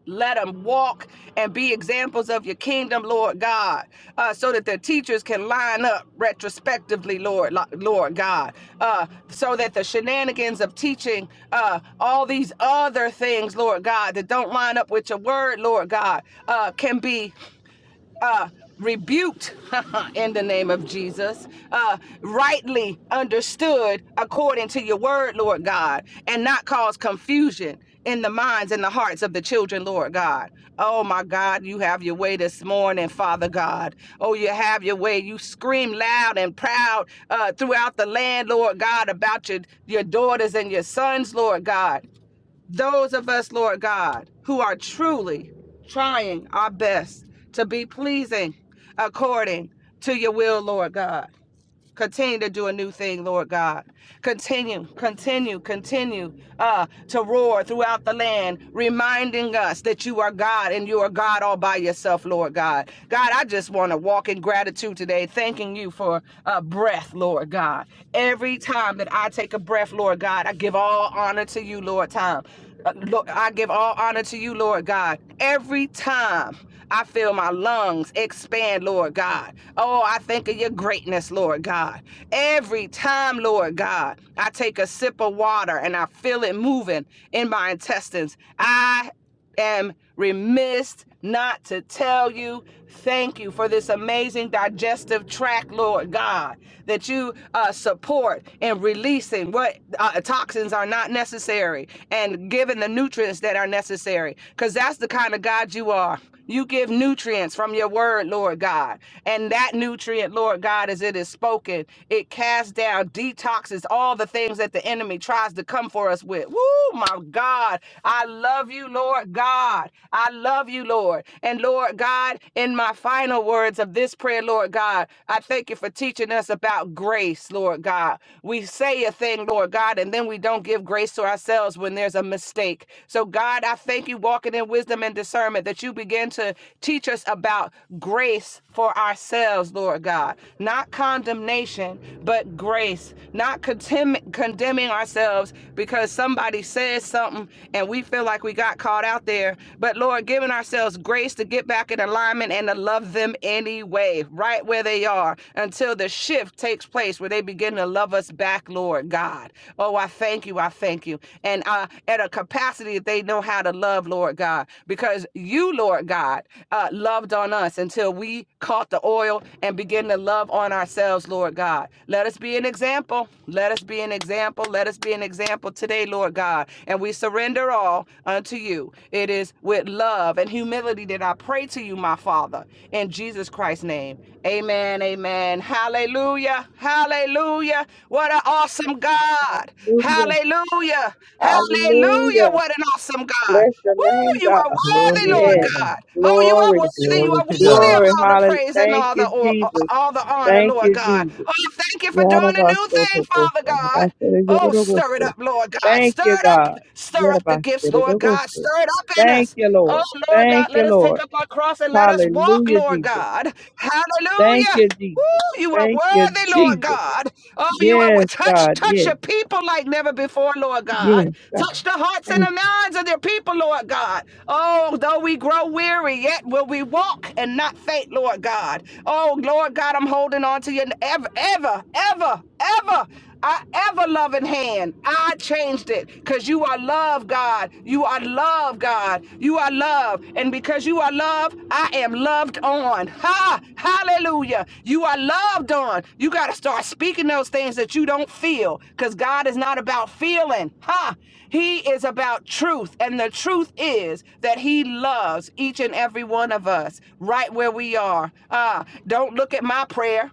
[SPEAKER 4] let them walk and be examples of your kingdom, Lord God, uh, so that their teachers can line up retrospectively, Lord, Lord God, uh, so that the shenanigans of teaching uh, all these other things, Lord God, that don't line up with your word, Lord God, uh, can be uh, rebuked (laughs) in the name of Jesus, uh, rightly understood according to your word, Lord God, and not cause confusion in the minds and the hearts of the children, Lord God. Oh my God, you have your way this morning, Father God. Oh, you have your way. You scream loud and proud uh, throughout the land, Lord God, about your, your daughters and your sons, Lord God those of us, Lord God, who are truly trying our best to be pleasing according to your will, Lord God. Continue to do a new thing, Lord God. Continue, continue, continue uh, to roar throughout the land, reminding us that you are God and you are God all by yourself, Lord God. God, I just want to walk in gratitude today, thanking you for uh, breath, Lord God. Every time that I take a breath, Lord God, I give all honor to you, Lord. Time, uh, Lord, I give all honor to you, Lord God. Every time. I feel my lungs expand, Lord God. Oh, I think of your greatness, Lord God. Every time, Lord God, I take a sip of water and I feel it moving in my intestines. I am remiss not to tell you thank you for this amazing digestive tract, Lord God, that you uh, support in releasing what uh, toxins are not necessary and giving the nutrients that are necessary. Because that's the kind of God you are. You give nutrients from your word, Lord God. And that nutrient, Lord God, as it is spoken, it casts down, detoxes all the things that the enemy tries to come for us with. Woo, my God. I love you, Lord God. I love you, Lord. And Lord God, in my final words of this prayer, Lord God, I thank you for teaching us about grace, Lord God. We say a thing, Lord God, and then we don't give grace to ourselves when there's there's a mistake. So, God, I thank you, walking in wisdom and discernment, that you begin to teach us about grace for ourselves, Lord God. Not condemnation, but grace. Not contem- condemning ourselves because somebody says something and we feel like we got caught out there. But, Lord, giving ourselves grace to get back in alignment and to love them anyway, right where they are, until the shift takes place where they begin to again to love us back, Lord God. Oh, I thank you. I thank you. And uh, at a capacity that they know how to love, Lord God, because you, Lord God, uh, loved on us until we caught the oil and begin to love on ourselves, Lord God. Let us be an example. Let us be an example. Let us be an example today, Lord God. And we surrender all unto you. It is with love and humility that I pray to you, my Father, in Jesus' Jesus Christ's name. Amen. Amen. Hallelujah. Hallelujah. What an awesome God.
[SPEAKER 2] Hallelujah.
[SPEAKER 4] Hallelujah. Hallelujah.
[SPEAKER 2] Hallelujah.
[SPEAKER 4] What an awesome God.
[SPEAKER 2] Bless your
[SPEAKER 4] Woo,
[SPEAKER 2] name,
[SPEAKER 4] you are
[SPEAKER 2] God.
[SPEAKER 3] Glory
[SPEAKER 4] worthy,
[SPEAKER 3] to
[SPEAKER 4] Lord
[SPEAKER 2] Yes.
[SPEAKER 3] God.
[SPEAKER 4] God. Oh, you are
[SPEAKER 2] Glory.
[SPEAKER 4] worthy. You
[SPEAKER 3] Glory
[SPEAKER 4] are
[SPEAKER 3] to God.
[SPEAKER 4] worthy of
[SPEAKER 2] Glory.
[SPEAKER 4] all the
[SPEAKER 2] Hallelujah.
[SPEAKER 4] praise and
[SPEAKER 2] Thank
[SPEAKER 4] all the
[SPEAKER 2] you,
[SPEAKER 4] or,
[SPEAKER 2] Jesus.
[SPEAKER 4] all the honor,
[SPEAKER 2] Thank
[SPEAKER 4] Lord
[SPEAKER 2] you,
[SPEAKER 4] God.
[SPEAKER 2] Jesus.
[SPEAKER 4] Oh, thank you for doing a new thing,
[SPEAKER 2] Yarabasotobosa.
[SPEAKER 4] Father God. Oh, stir it up, Lord God.
[SPEAKER 2] Thank you,
[SPEAKER 4] Stir it up.
[SPEAKER 2] God.
[SPEAKER 4] Stir up the gifts, Lord God.
[SPEAKER 2] Yarabasotobosa.
[SPEAKER 4] Stir it up in
[SPEAKER 2] Thank
[SPEAKER 4] us.
[SPEAKER 2] you,
[SPEAKER 4] Oh,
[SPEAKER 2] Lord.
[SPEAKER 4] Lord
[SPEAKER 2] Thank
[SPEAKER 4] God, let
[SPEAKER 2] you,
[SPEAKER 4] us take
[SPEAKER 2] Lord.
[SPEAKER 4] up our cross and let us walk,
[SPEAKER 2] Hallelujah,
[SPEAKER 4] Lord
[SPEAKER 2] Jesus.
[SPEAKER 4] God.
[SPEAKER 2] Thank
[SPEAKER 4] Hallelujah.
[SPEAKER 2] you, Jesus.
[SPEAKER 4] Woo, you are
[SPEAKER 2] Thank you,
[SPEAKER 4] worthy, Lord
[SPEAKER 2] Jesus.
[SPEAKER 4] God. Oh, you are wor-
[SPEAKER 2] Yes,
[SPEAKER 4] touch,
[SPEAKER 2] God.
[SPEAKER 4] touch
[SPEAKER 2] Yes.
[SPEAKER 4] your people like never before, Lord God.
[SPEAKER 2] Yes, God.
[SPEAKER 4] Touch the hearts
[SPEAKER 2] Thank
[SPEAKER 4] and the minds of their people, Lord God. Oh, though we grow weary, yet will we walk and not faint, Lord God. Oh, Lord God, I'm holding on to you ever, ever, ever, ever. Our ever loving hand, I changed it because you are love, God. You are love, God. You are love. And because you are love, I am loved on. Ha! Hallelujah. You are loved on. You got to start speaking those things that you don't feel because God is not about feeling. Ha! He is about truth. And the truth is that He loves each and every one of us right where we are. Ah, don't look at my prayer.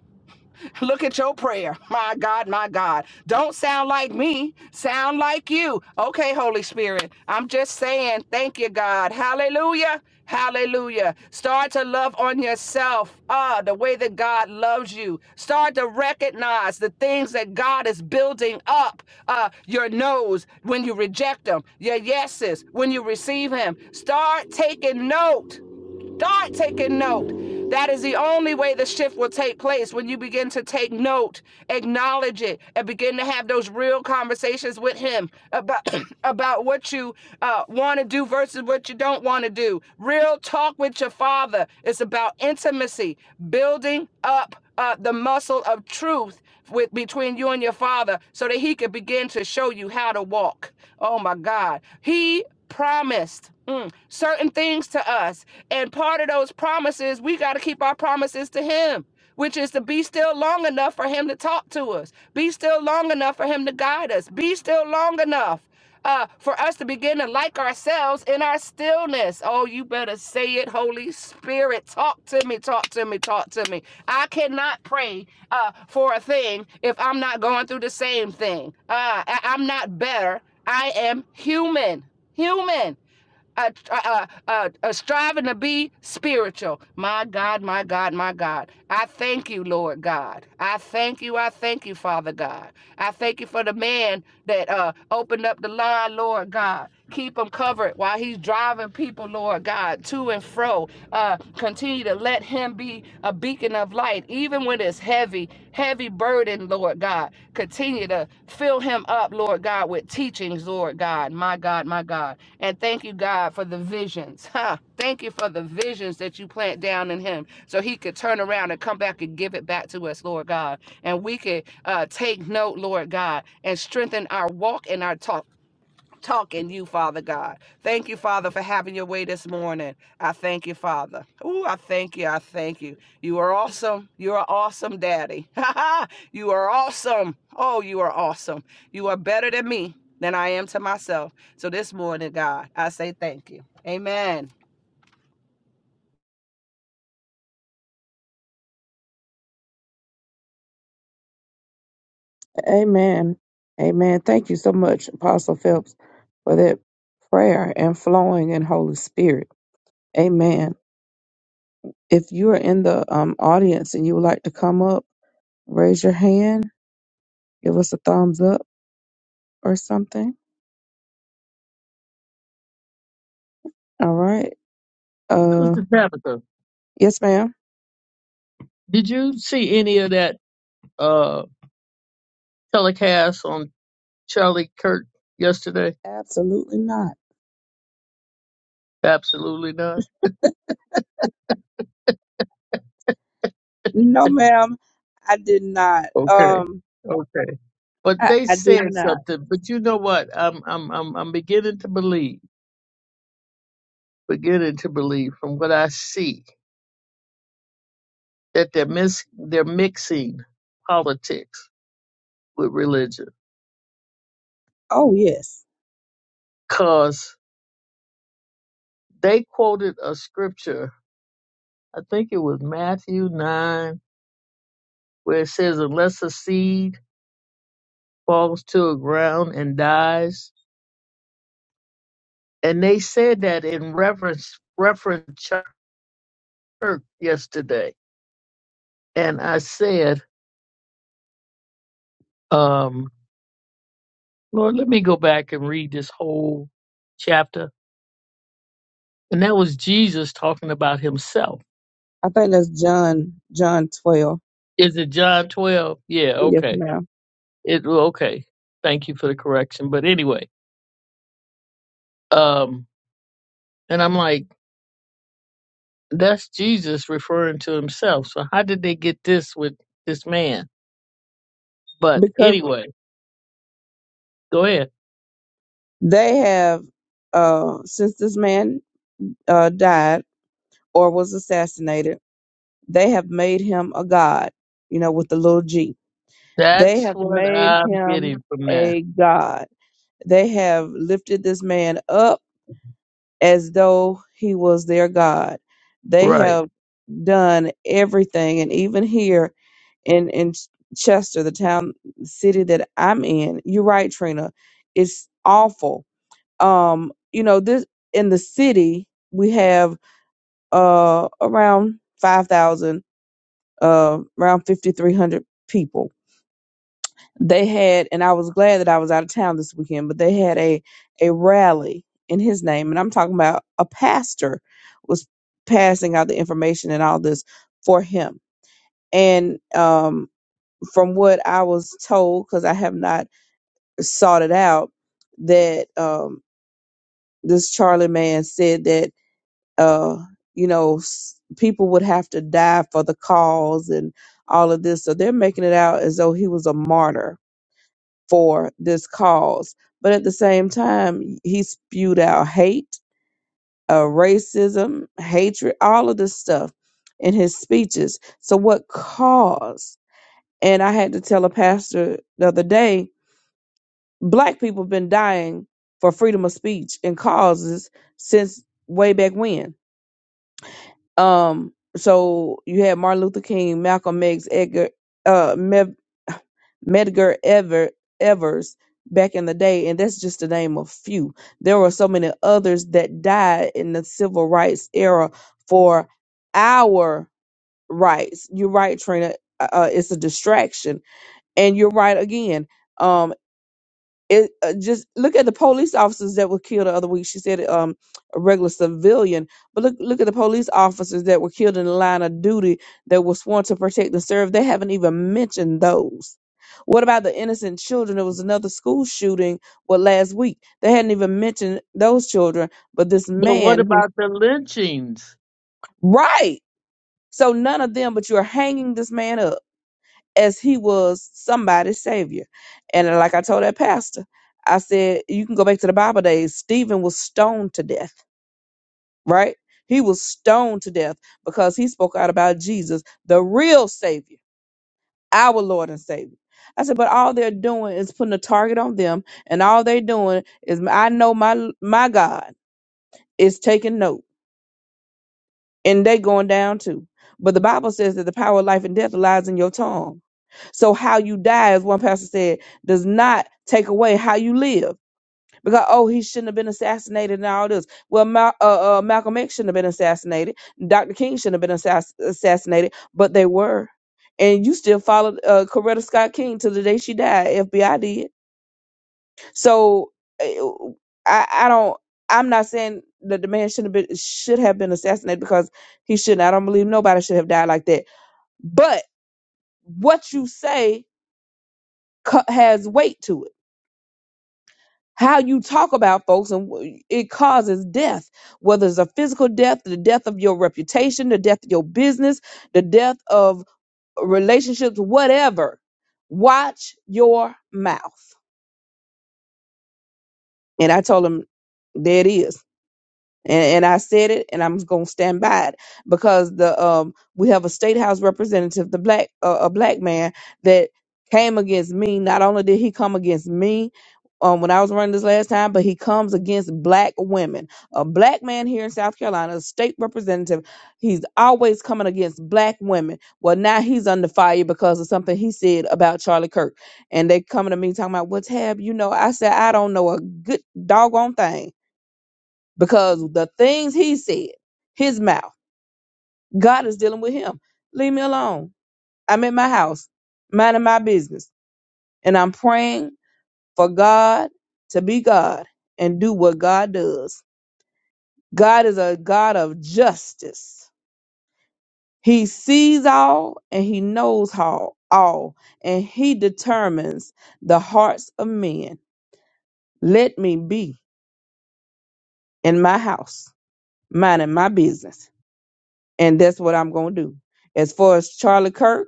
[SPEAKER 4] Look at your prayer. My God, my God. Don't sound like me. Sound like you. Okay, Holy Spirit. I'm just saying, thank you, God. Hallelujah. Hallelujah. Start to love on yourself ah, the way that God loves you. Start to recognize the things that God is building up uh, your no's when you reject them, your yeses when you receive Him. Start taking note. Start taking note. That is the only way the shift will take place when you begin to take note, acknowledge it, and begin to have those real conversations with Him about, (clears throat) about what you uh, want to do versus what you don't want to do. Real talk with your Father. It's about intimacy, building up uh, the muscle of truth with between you and your father so that he could begin to show you how to walk. Oh my God. He promised mm, certain things to us. And part of those promises, we got to keep our promises to him. Which is to be still long enough for him to talk to us, be still long enough for him to guide us, be still long enough uh, for us to begin to like ourselves in our stillness. Oh, you better say it, Holy Spirit. Talk to me, talk to me, talk to me. I cannot pray uh, for a thing if I'm not going through the same thing. Uh, I- I'm not better. I am human, human uh, uh, uh, uh, striving to be spiritual. My God, my God, my God. I thank you, Lord God. I thank you. I thank you, Father God. I thank you for the man that uh, opened up the line, Lord God. Keep him covered while he's driving people, Lord God, to and fro. Uh, continue to let him be a beacon of light, even when it's heavy, heavy burden, Lord God. Continue to fill him up, Lord God, with teachings, Lord God, my God, my God. And thank you, God, for the visions. (laughs) Huh. Thank you for the visions that you plant down in him so he could turn around and come back and give it back to us, Lord God. And we could uh, take note, Lord God, and strengthen our walk and our talk talk in you, Father God. Thank you, Father, for having your way this morning. I thank you, Father. Ooh, I thank you. I thank you. You are awesome. You are awesome, Daddy. (laughs) you are awesome. Oh, you are awesome. You are better than me than I am to myself. So this morning, God, I say thank you. Amen.
[SPEAKER 2] Amen. Amen. Thank you so much, Apostle Phelps, for that prayer and flowing in Holy Spirit. Amen. If you are in the um, audience and you would like to come up, raise your hand, give us a thumbs up or something. All right. Uh,
[SPEAKER 3] Sister Tabitha,
[SPEAKER 2] yes, ma'am.
[SPEAKER 3] did you see any of that uh, telecast on Charlie Kirk yesterday?
[SPEAKER 2] Absolutely not.
[SPEAKER 3] Absolutely not.
[SPEAKER 2] No, ma'am. I did not.
[SPEAKER 3] Okay.
[SPEAKER 2] Um,
[SPEAKER 3] Okay. But
[SPEAKER 2] I,
[SPEAKER 3] they
[SPEAKER 2] I did
[SPEAKER 3] said
[SPEAKER 2] not.
[SPEAKER 3] something. But you know what? I'm I'm I'm I'm beginning to believe, beginning to believe from what I see that they're mis- they're mixing politics with religion.
[SPEAKER 2] Oh, yes.
[SPEAKER 3] Cause they quoted a scripture, I think it was Matthew 9, where it says, Unless a seed falls to a ground and dies. And they said that in reference reference church yesterday. And I said, um, Lord, let me go back and read this whole chapter. And that was Jesus talking about himself.
[SPEAKER 2] I think that's John, John 12.
[SPEAKER 3] Is it John 12? Yeah,
[SPEAKER 2] Yes,
[SPEAKER 3] okay.
[SPEAKER 2] ma'am.
[SPEAKER 3] It well, okay. Thank you for the correction. But anyway, um, and I'm like, That's Jesus referring to himself. So how did they get this with this man? But
[SPEAKER 2] Because.
[SPEAKER 3] anyway, go ahead.
[SPEAKER 2] They have, uh, since this man uh, died or was assassinated, they have made him a god, you know, with the little g. They
[SPEAKER 3] That's
[SPEAKER 2] have
[SPEAKER 3] what
[SPEAKER 2] made
[SPEAKER 3] I'm getting
[SPEAKER 2] him
[SPEAKER 3] from that.
[SPEAKER 2] a god. They have lifted this man up as though he was their god. They
[SPEAKER 3] Right.
[SPEAKER 2] have done everything. And even here in, in Ch- Chester, the town, city that I'm in, you're right, Trina, it's awful um you know this in the city we have uh around 5000 uh around 5300 people they had and i was glad that i was out of town this weekend but they had a a rally in his name and i'm talking about a pastor was passing out the information and all this for him and um from what i was told because i have not sought it out that um this charlie man said that uh, you know, s- people would have to die for the cause and all of this. So they're making it out as though he was a martyr for this cause. But at the same time, he spewed out hate, uh, racism, hatred, all of this stuff in his speeches. So, what cause? And I had to tell a pastor the other day black people have been dying for freedom of speech and causes since way back when Um, so you had Martin Luther King, Malcolm X, Edgar, uh, Med- (sighs) Medgar Ever- Evers back in the day, and that's just to name a few. There were so many others that died in the civil rights era for our rights. You're right, Trina. Uh, uh, it's a distraction, and you're right again. Um it uh, just look at the police officers that were killed the other week. She said um a regular civilian, but look look at the police officers that were killed in the line of duty that were sworn to protect and serve. They haven't even mentioned those. What about the innocent children? There was another school shooting well last week. They hadn't even mentioned those children, but this
[SPEAKER 3] But what
[SPEAKER 2] man who
[SPEAKER 3] about the lynchings?
[SPEAKER 2] right. So none of them, but you're hanging this man up as he was somebody's savior. And like I told that pastor, I said, you can go back to the Bible days. Stephen was stoned to death, right? He was stoned to death because he spoke out about Jesus, the real savior, our Lord and Savior. I said, but all they're doing is putting a target on them, and all they're doing is I know my my God is taking note, and they going down too. But the Bible says that the power of life and death lies in your tongue So how you die, as one pastor said, does not take away how you live. Because oh, he shouldn't have been assassinated and all this. Well, Mal- uh, uh, Malcolm X shouldn't have been assassinated. Dr. King shouldn't have been assass- assassinated, but they were. And you still followed uh, Coretta Scott King to the day she died. FBI did. So uh, I, I don't. I'm not saying that the man shouldn't have been should have been assassinated because he shouldn't. I don't believe nobody should have died like that. But what you say co- has weight to it how you talk about folks and wh- it causes death whether it's a physical death the death of your reputation the death of your business the death of relationships whatever watch your mouth and i told him there it is and, and I said it, and I'm going to stand by it because the um we have a state house representative, the black uh, a black man that came against me. Not only did he come against me um when I was running this last time, but he comes against black women. A black man here in South Carolina, a state representative, he's always coming against black women. Well, now he's under fire because of something he said about Charlie Kirk, and they coming to me talking about what's happening. You know, I said I don't know a good doggone thing because the things he said, his mouth, God is dealing with him. Leave me alone. I'm at my house, minding my business, and I'm praying for God to be God and do what God does. God is a God of justice. He sees all and he knows all, all, and he determines the hearts of men. Let me be in my house, minding my business. And that's what I'm going to do. As far as Charlie Kirk,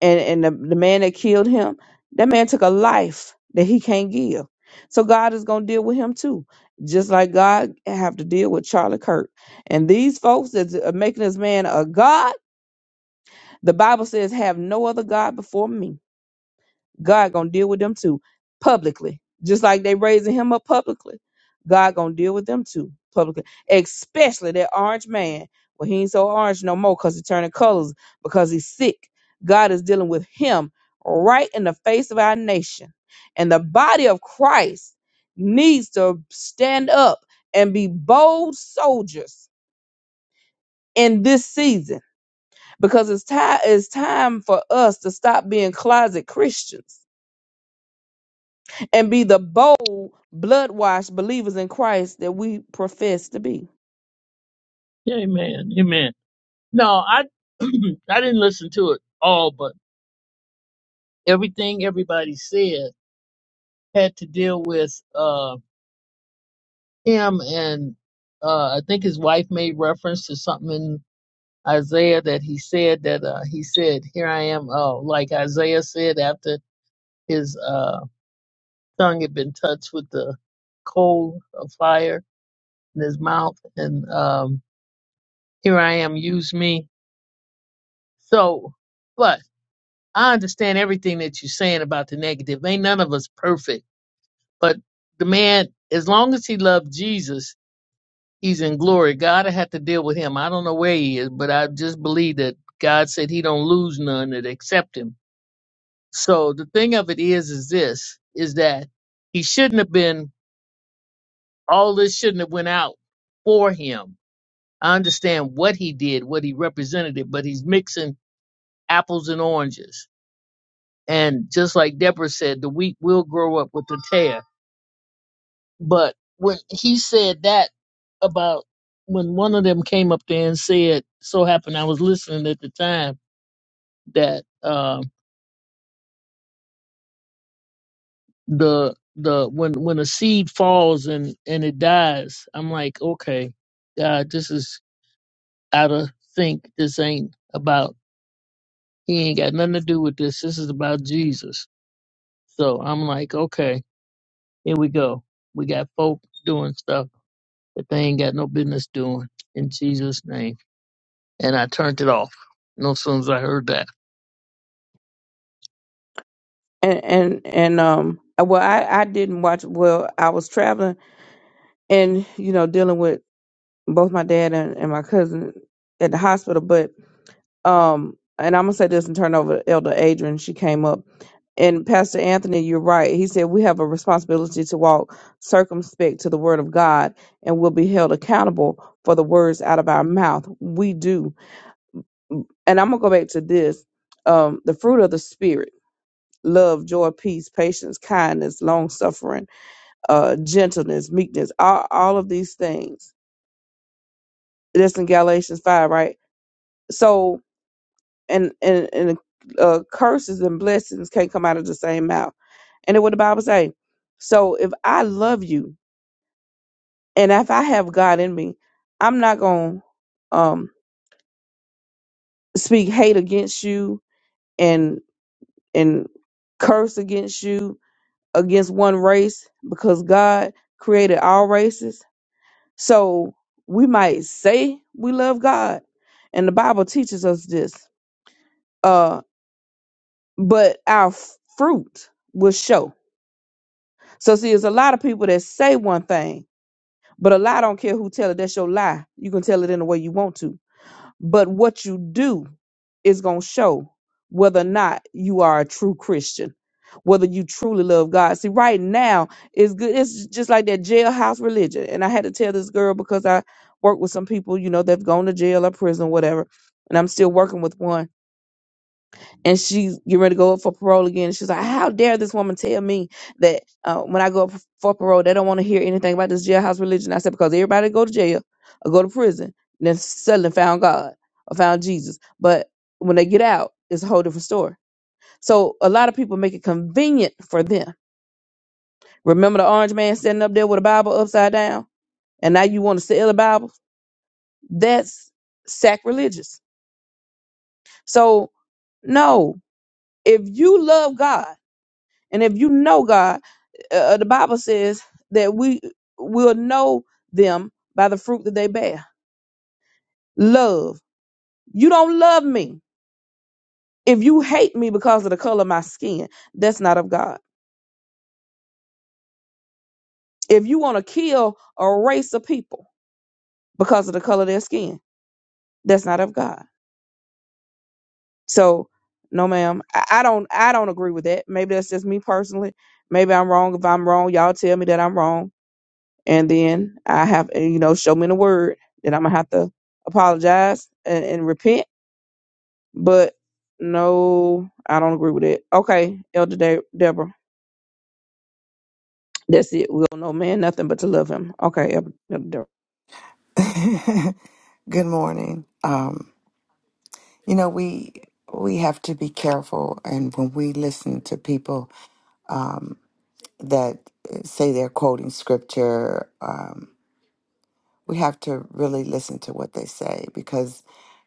[SPEAKER 2] and and the, the man that killed him, that man took a life that he can't give. So God is gonna deal with him too, just like God have to deal with Charlie Kirk. And these folks that's uh, making this man a god, the Bible says, "Have no other god before me." God gonna deal with them too publicly. Just like they raising him up publicly, God gonna deal with them too publicly. Especially that orange man. Well, he ain't so orange no more because he turning colors because he's sick. God is dealing with him right in the face of our nation. And the body of Christ needs to stand up and be bold soldiers in this season because it's time it's time for us to stop being closet Christians and be the bold, blood washed believers in Christ that we profess to be.
[SPEAKER 3] Amen. Amen. No, I (clears throat) I didn't listen to it all, but everything everybody said had to deal with uh him and uh I think his wife made reference to something in Isaiah that he said that uh, he said, "Here I am," uh, like Isaiah said after His uh, tongue had been touched with the coal of fire in his mouth, and um, here I am, use me. So, but I understand everything that you're saying about the negative. Ain't none of us perfect, but the man, as long as he loved Jesus, he's in glory. God had to deal with him. I don't know where he is, but I just believe that God said he don't lose none that accept him. So the thing of it is, is this, is that he shouldn't have been all this shouldn't have went out for him. I understand what he did, what he represented it, but he's mixing apples and oranges. And just like Deborah said, the wheat will grow up with the tear. But when he said that about when one of them came up there and said, so happened I was listening at the time that um the the when when a seed falls and and it dies, I'm like, okay, God, this is out of sync. This ain't about He ain't got nothing to do with this. This is about Jesus. So I'm like, okay, here we go. We got folk doing stuff that they ain't got no business doing in Jesus' name. And I turned it off. No sooner as I heard that.
[SPEAKER 2] And and and um well I, I didn't watch well, I was traveling and, you know, dealing with both my dad and, and my cousin at the hospital, but um and I'm gonna say this and turn over to Elder Adrian, she came up. And Pastor Anthony, you're right. He said we have a responsibility to walk circumspect to the word of God and we will be held accountable for the words out of our mouth. We do and I'm gonna go back to this. Um, the fruit of the spirit: love, joy, peace, patience, kindness, long suffering, uh, gentleness, meekness. All, all of these things. That's in Galatians five, right? So, and and and uh, curses and blessings can't come out of the same mouth. And then what the Bible say? So if I love you, and if I have God in me, I'm not gonna um, speak hate against you and and curse against you against one race because God created all races. So we might say we love God, and the Bible teaches us this. Uh, but our f- fruit will show. So see, there's a lot of people that say one thing, but a lie don't care who tell it. That's your lie. You can tell it in the way you want to But what you do is going to show whether or not you are a true Christian, whether you truly love God. See, right now, it's good. It's just like that jailhouse religion. And I had to tell this girl because I work with some people, you know, they've gone to jail or prison, whatever. And I'm still working with one and she's getting ready to go up for parole again. And she's like, "How dare this woman tell me that uh, when I go up for parole, they don't want to hear anything about this jailhouse religion?" I said, "Because everybody go to jail or go to prison, and then suddenly found God or found Jesus, but when they get out, it's a whole different story." So a lot of people make it convenient for them. Remember the orange man standing up there with a Bible upside down, and now you want to sell the Bible? That's sacrilegious. So no, if you love God and if you know God. uh, uh, the Bible says that we will know them by the fruit that they bear. Love. You don't love me if you hate me because of the color of my skin. That's not of God. If you want to kill a race of people because of the color of their skin, that's not of God. So, no, ma'am, I, I don't. I don't agree with that. Maybe that's just me personally. Maybe I'm wrong. If I'm wrong, y'all tell me that I'm wrong, and then I have you know show me in the word that I'm gonna have to apologize and, and repent But no, I don't agree with it. Okay, Elder De- Deborah, that's it. We'll know man nothing but to love him. Okay, Elder Elder Deborah.
[SPEAKER 5] (laughs) Good morning. Um, you know, we we have to be careful, and when we listen to people um, that eh, say they're quoting scripture, um, we have to really listen to what they say because,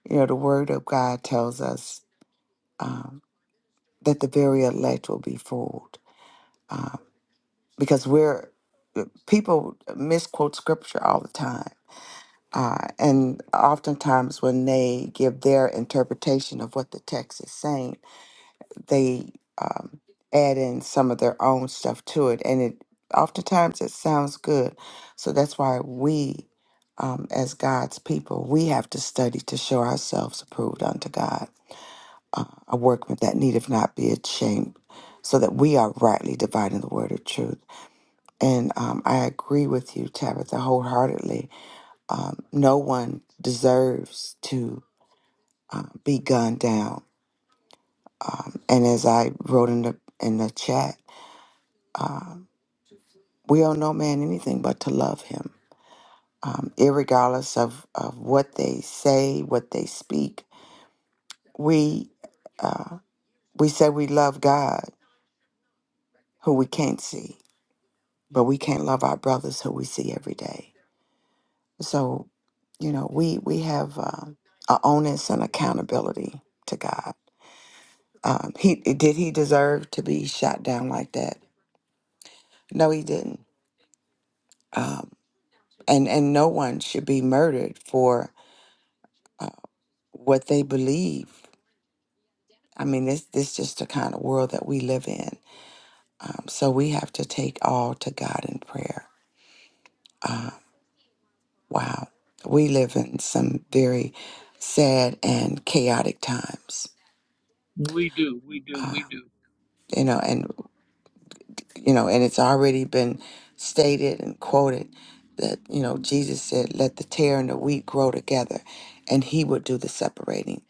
[SPEAKER 5] you know, the Word of God tells us um, that the very elect will be fooled um, because we're eh, people misquote scripture all the time Uh, and oftentimes, when they give their interpretation of what the text is saying, they um, add in some of their own stuff to it, and it oftentimes it sounds good. So that's why we, um, as God's people, we have to study to show ourselves approved unto God, uh, a workman that needeth not be ashamed, so that we are rightly dividing the word of truth. And um, I agree with you, Tabitha, wholeheartedly um, no one deserves to uh, be gunned down. Um, and as I wrote in the in the chat, um, we owe no man anything but to love him, um, irregardless of, of what they say, what they speak. We uh, we say we love God, who we can't see, but we can't love our brothers who we see every day. So, you know, we we have uh, a onus and accountability to God. Um, he did he deserve to be shot down like that? No, he didn't. Um, and and no one should be murdered for uh, what they believe. I mean, this this is just the kind of world that we live in. Um, so we have to take all to God in prayer. Wow, we live in some very sad and chaotic times.
[SPEAKER 3] We do, we do,
[SPEAKER 5] Uh,
[SPEAKER 3] we do.
[SPEAKER 5] you know, and. you know, and it's already been stated and quoted that, you know, Jesus said, let the tear and the wheat grow together, and he would do the separating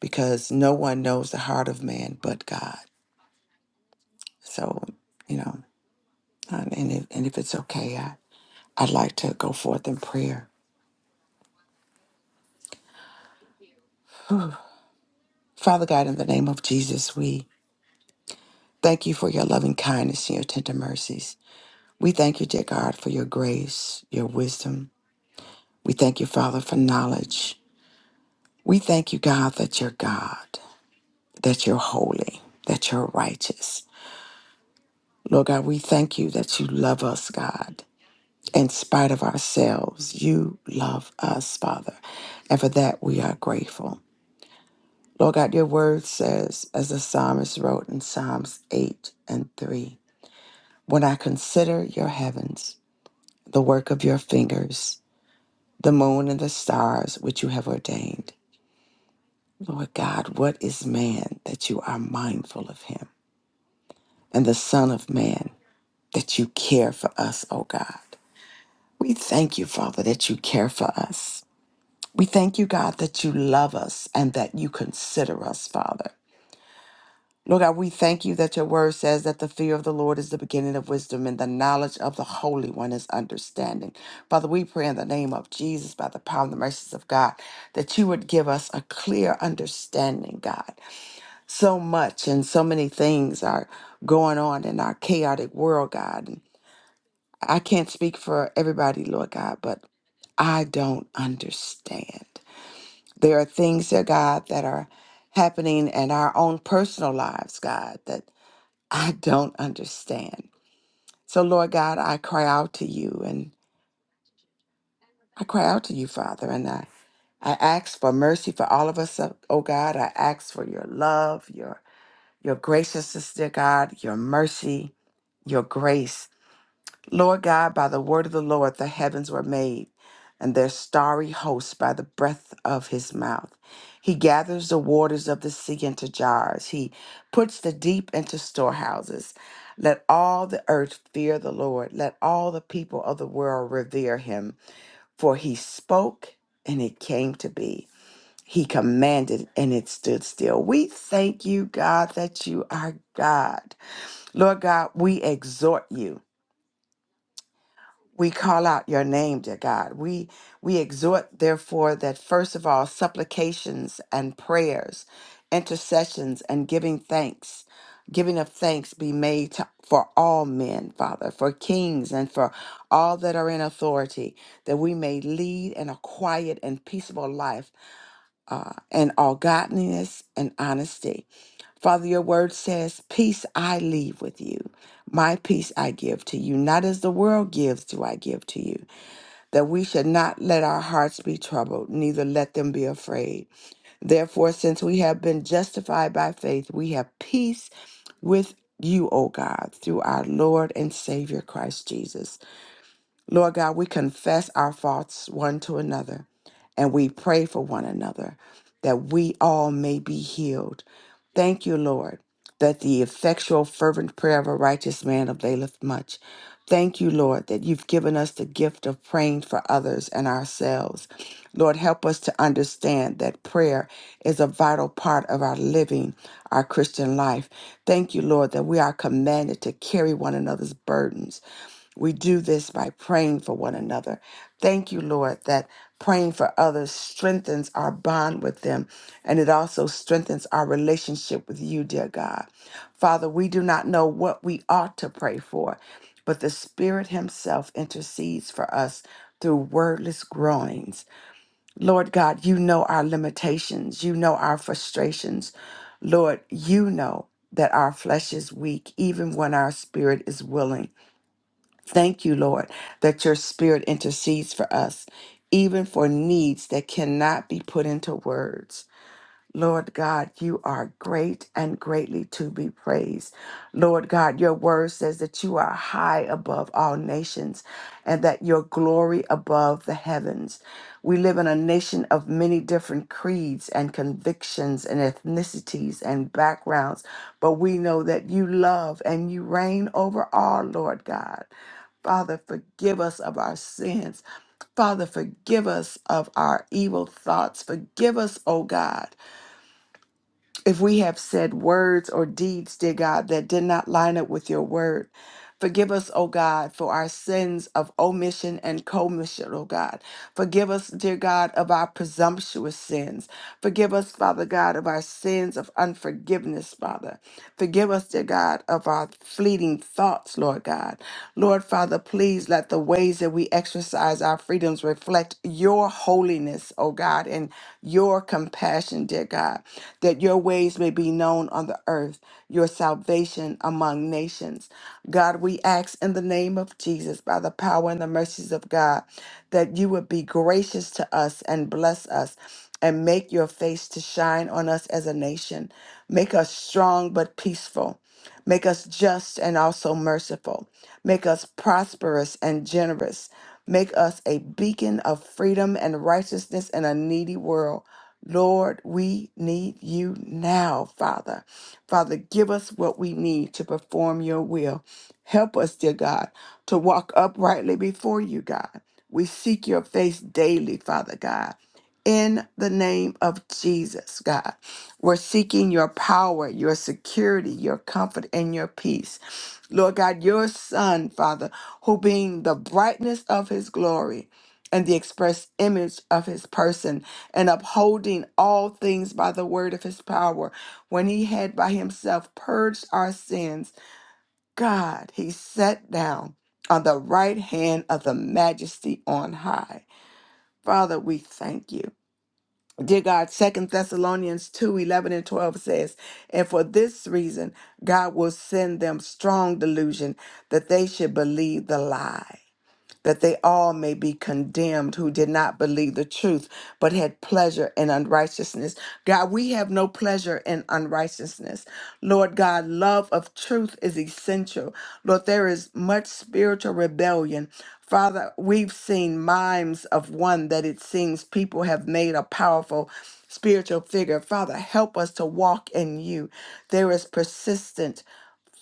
[SPEAKER 5] because no one knows the heart of man but God. So, you know, and, and if, and if it's okay, I, I'd like to go forth in prayer. Father God, in the name of Jesus, we thank you for your loving kindness and your tender mercies. We thank you, dear God, for your grace, your wisdom. We thank you, Father, for knowledge. We thank you, God, that you're God. that you're holy, that you're righteous. Lord God, we thank you that you love us, God. In spite of ourselves, you love us, Father. And for that, we are grateful. Lord God, your word says, as the psalmist wrote in Psalms 8 and 3, When I consider your heavens, the work of your fingers, the moon and the stars which you have ordained, Lord God, what is man that you are mindful of him? And the Son of Man that you care for us, oh God. We thank you, Father, that you care for us. We thank you, God, that you love us and that you consider us, Father. Lord God, we thank you that your word says that the fear of the Lord is the beginning of wisdom and the knowledge of the Holy One is understanding. Father, we pray in the name of Jesus, by the power and the mercies of God, that you would give us a clear understanding, God. So much and so many things are going on in our chaotic world, God. I can't speak for everybody, Lord God, but I don't understand. There are things, dear God, that are happening in our own personal lives, God, that I don't understand. So, Lord God, I cry out to you and I cry out to you, Father, and I, I ask for mercy for all of us, uh, oh God. I ask for your love, your your graciousness, dear God, your mercy, your grace. Lord God, by the word of the Lord, the heavens were made, and their starry hosts by the breath of his mouth. He gathers the waters of the sea into jars, he puts the deep into storehouses. Let all the earth fear the Lord, let all the people of the world revere him. For he spoke, and it came to be. He commanded, and it stood still. We thank you, God, that you are God. Lord God, we exhort you we call out your name dear god we we exhort therefore that first of all supplications and prayers intercessions and giving thanks giving of thanks be made to, for all men father for kings and for all that are in authority that we may lead in a quiet and peaceable life in all godliness and honesty father your word says peace i leave with you my peace i give to you not as the world gives do i give to you that we should not let our hearts be troubled, neither let them be afraid. Therefore, since we have been justified by faith, we have peace with you, O God, through our Lord and Savior Christ Jesus Lord God, we confess our faults one to another and we pray for one another that we all may be healed. Thank you, Lord, that the effectual, fervent prayer of a righteous man availeth much. Thank you, Lord, that you've given us the gift of praying for others and ourselves. Lord, help us to understand that prayer is a vital part of our living our Christian life. Thank you, Lord, that we are commanded to carry one another's burdens. We do this by praying for one another. Thank you, Lord, that praying for others strengthens our bond with them and it also strengthens our relationship with you, dear God. Father, we do not know what we ought to pray for, but the Spirit Himself intercedes for us through wordless groanings. Lord God, you know our limitations, you know our frustrations. Lord, you know that our flesh is weak even when our spirit is willing. Thank you, Lord, that your spirit intercedes for us, even for needs that cannot be put into words. Lord God, you are great and greatly to be praised. Lord God, your word says that you are high above all nations and that your glory above the heavens. We live in a nation of many different creeds and convictions and ethnicities and backgrounds, but we know that you love and you reign over all, Lord God. Father, forgive us of our sins. Father, forgive us of our evil thoughts. Forgive us, O God, if we have said words or deeds, dear God, that did not line up with your word. Forgive us, O God, for our sins of omission and commission, O God. Forgive us, dear God, of our presumptuous sins. Forgive us, Father God, of our sins of unforgiveness, Father. Forgive us, dear God, of our fleeting thoughts, Lord God. Lord Father, please let the ways that we exercise our freedoms reflect your holiness, O God, and your compassion, dear God, that your ways may be known on the earth your salvation among nations. God, we ask in the name of Jesus, by the power and the mercies of God, that you would be gracious to us and bless us and make your face to shine on us as a nation. Make us strong but peaceful. Make us just and also merciful. Make us prosperous and generous. Make us a beacon of freedom and righteousness in a needy world. Lord, we need you now, Father. Father, give us what we need to perform your will. Help us, dear God, to walk uprightly before you, God. We seek your face daily, Father God. In the name of Jesus, God, we're seeking your power, your security, your comfort, and your peace. Lord God, your Son, Father, who being the brightness of his glory and the express image of his person, and upholding all things by the word of his power when he had by himself purged our sins, God, he sat down on the right hand of the majesty on high. Father, we thank you. Dear God, Second Thessalonians 2 11 and 12 says, And for this reason, God will send them strong delusion that they should believe the lie that they all may be condemned who did not believe the truth, but had pleasure in unrighteousness. God, we have no pleasure in unrighteousness. Lord God, love of truth is essential. Lord, there is much spiritual rebellion. Father, we've seen mimes of one that it seems people have made a powerful spiritual figure. Father, help us to walk in you. There is persistent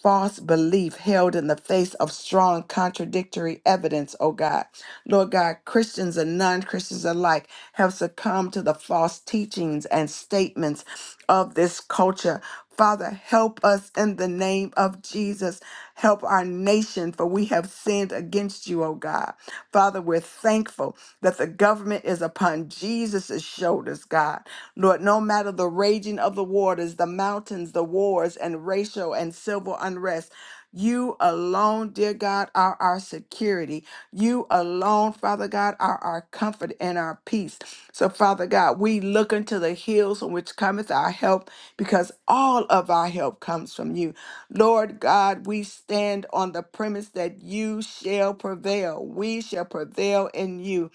[SPEAKER 5] false belief held in the face of strong contradictory evidence, oh God. Lord God, Christians and non Christians alike have succumbed to the false teachings and statements of this culture. Father, help us in the name of Jesus. Jesus. Help our nation, for we have sinned against you, O God. Father, we're thankful that the government is upon Jesus' shoulders, God. Lord, no matter the raging of the waters, the mountains, the wars, and racial and civil unrest, you alone, dear God, are our security. You alone, Father God, are our comfort and our peace. So, Father God, we look unto the hills from which cometh our help because all of our help comes from you. Lord God, we stand on the premise that you shall prevail. We shall prevail in you.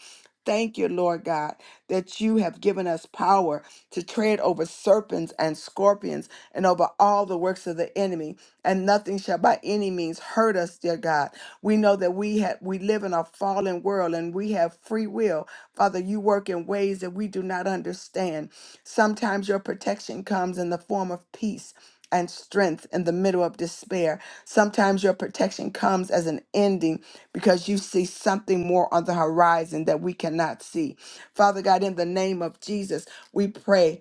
[SPEAKER 5] Thank you, Lord God, that you have given us power to tread over serpents and scorpions and over all the works of the enemy, and nothing shall by any means hurt us, dear God. We know that we have we live in a fallen world and we have free will. Father, you work in ways that we do not understand. Sometimes your protection comes in the form of peace and strength in the middle of despair. Sometimes your protection comes as an ending because you see something more on the horizon that we cannot see. Father God, in the name of Jesus, we pray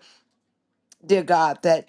[SPEAKER 5] dear God, that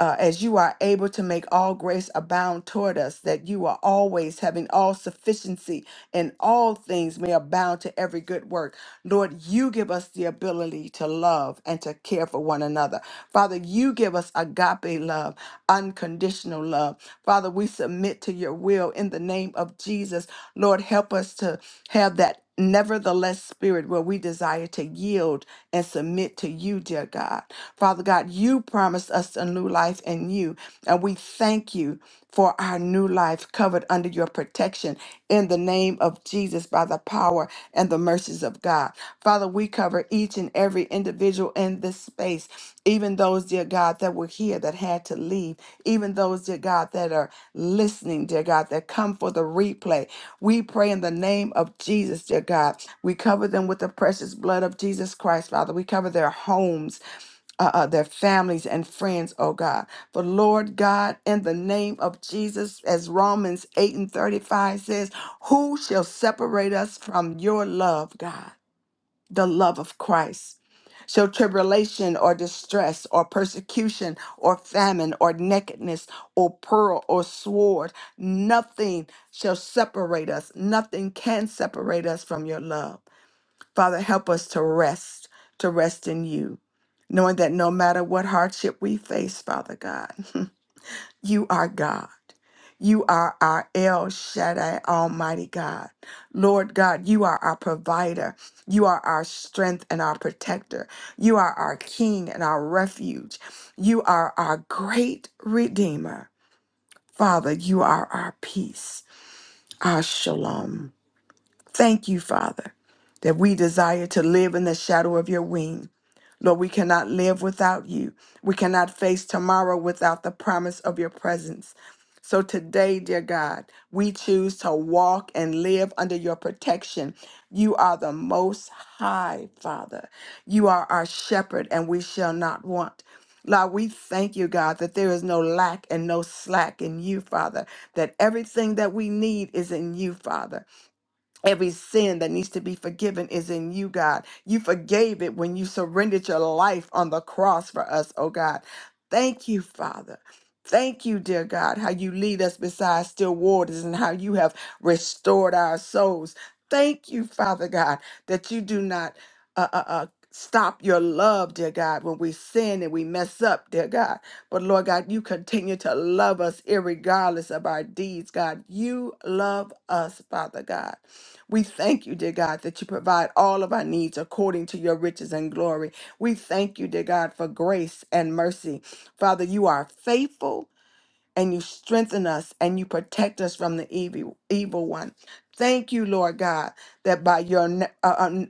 [SPEAKER 5] uh, as you are able to make all grace abound toward us, that you are always having all sufficiency in all things may abound to every good work. Lord, you give us the ability to love and to care for one another. Father, you give us agape love, unconditional love. Father, we submit to your will in the name of Jesus. Lord, help us to have that nevertheless spirit where we desire to yield and submit to you, dear God. Father God, you promised us a new life in you, and we thank you for our new life covered under your protection in the name of Jesus by the power and the mercies of God. Father, we cover each and every individual in this space, even those, dear God, that were here that had to leave, even those, dear God, that are listening, dear God, that come for the replay. We pray in the name of Jesus, dear God. We cover them with the precious blood of Jesus Christ, Father. We cover their homes uh, uh, their families and friends, oh God. For Lord God, in the name of Jesus, as Romans 8 and 35 says, who shall separate us from your love, God? the love of Christ. So tribulation or distress or persecution or famine or nakedness or pearl or sword, nothing shall separate us. Nothing can separate us from your love. Father, help us to rest, to rest in you, knowing that no matter what hardship we face, Father God, (laughs) You are God. You are our El Shaddai, Almighty God. Lord God, you are our provider. You are our strength and our protector. You are our King and our refuge. You are our great Redeemer. Father, you are our peace, our shalom. Thank you, Father, that we desire to live in the shadow of your wing. Lord, we cannot live without you. We cannot face tomorrow without the promise of your presence. So today, dear God, we choose to walk and live under your protection. You are the most high, Father. You are our shepherd, and we shall not want. Lord, we thank you, God, that there is no lack and no slack in you, Father, that everything that we need is in you, Father. Every sin that needs to be forgiven is in you, God. You forgave it when you surrendered your life on the cross for us, oh God. Thank you, Father. Thank you, dear God, how you lead us beside still waters and how you have restored our souls. Thank you, Father God, that you do not uh, uh, uh, stop your love, dear God, when we sin and we mess up, dear God. But Lord God, you continue to love us irregardless of our deeds, God. You love us, Father God. We thank you, dear God, that you provide all of our needs according to your riches and glory. We thank you, dear God, for grace and mercy. Father, you are faithful and you strengthen us and you protect us from the evil, evil one. Thank you, Lord God, that by your uh, uh,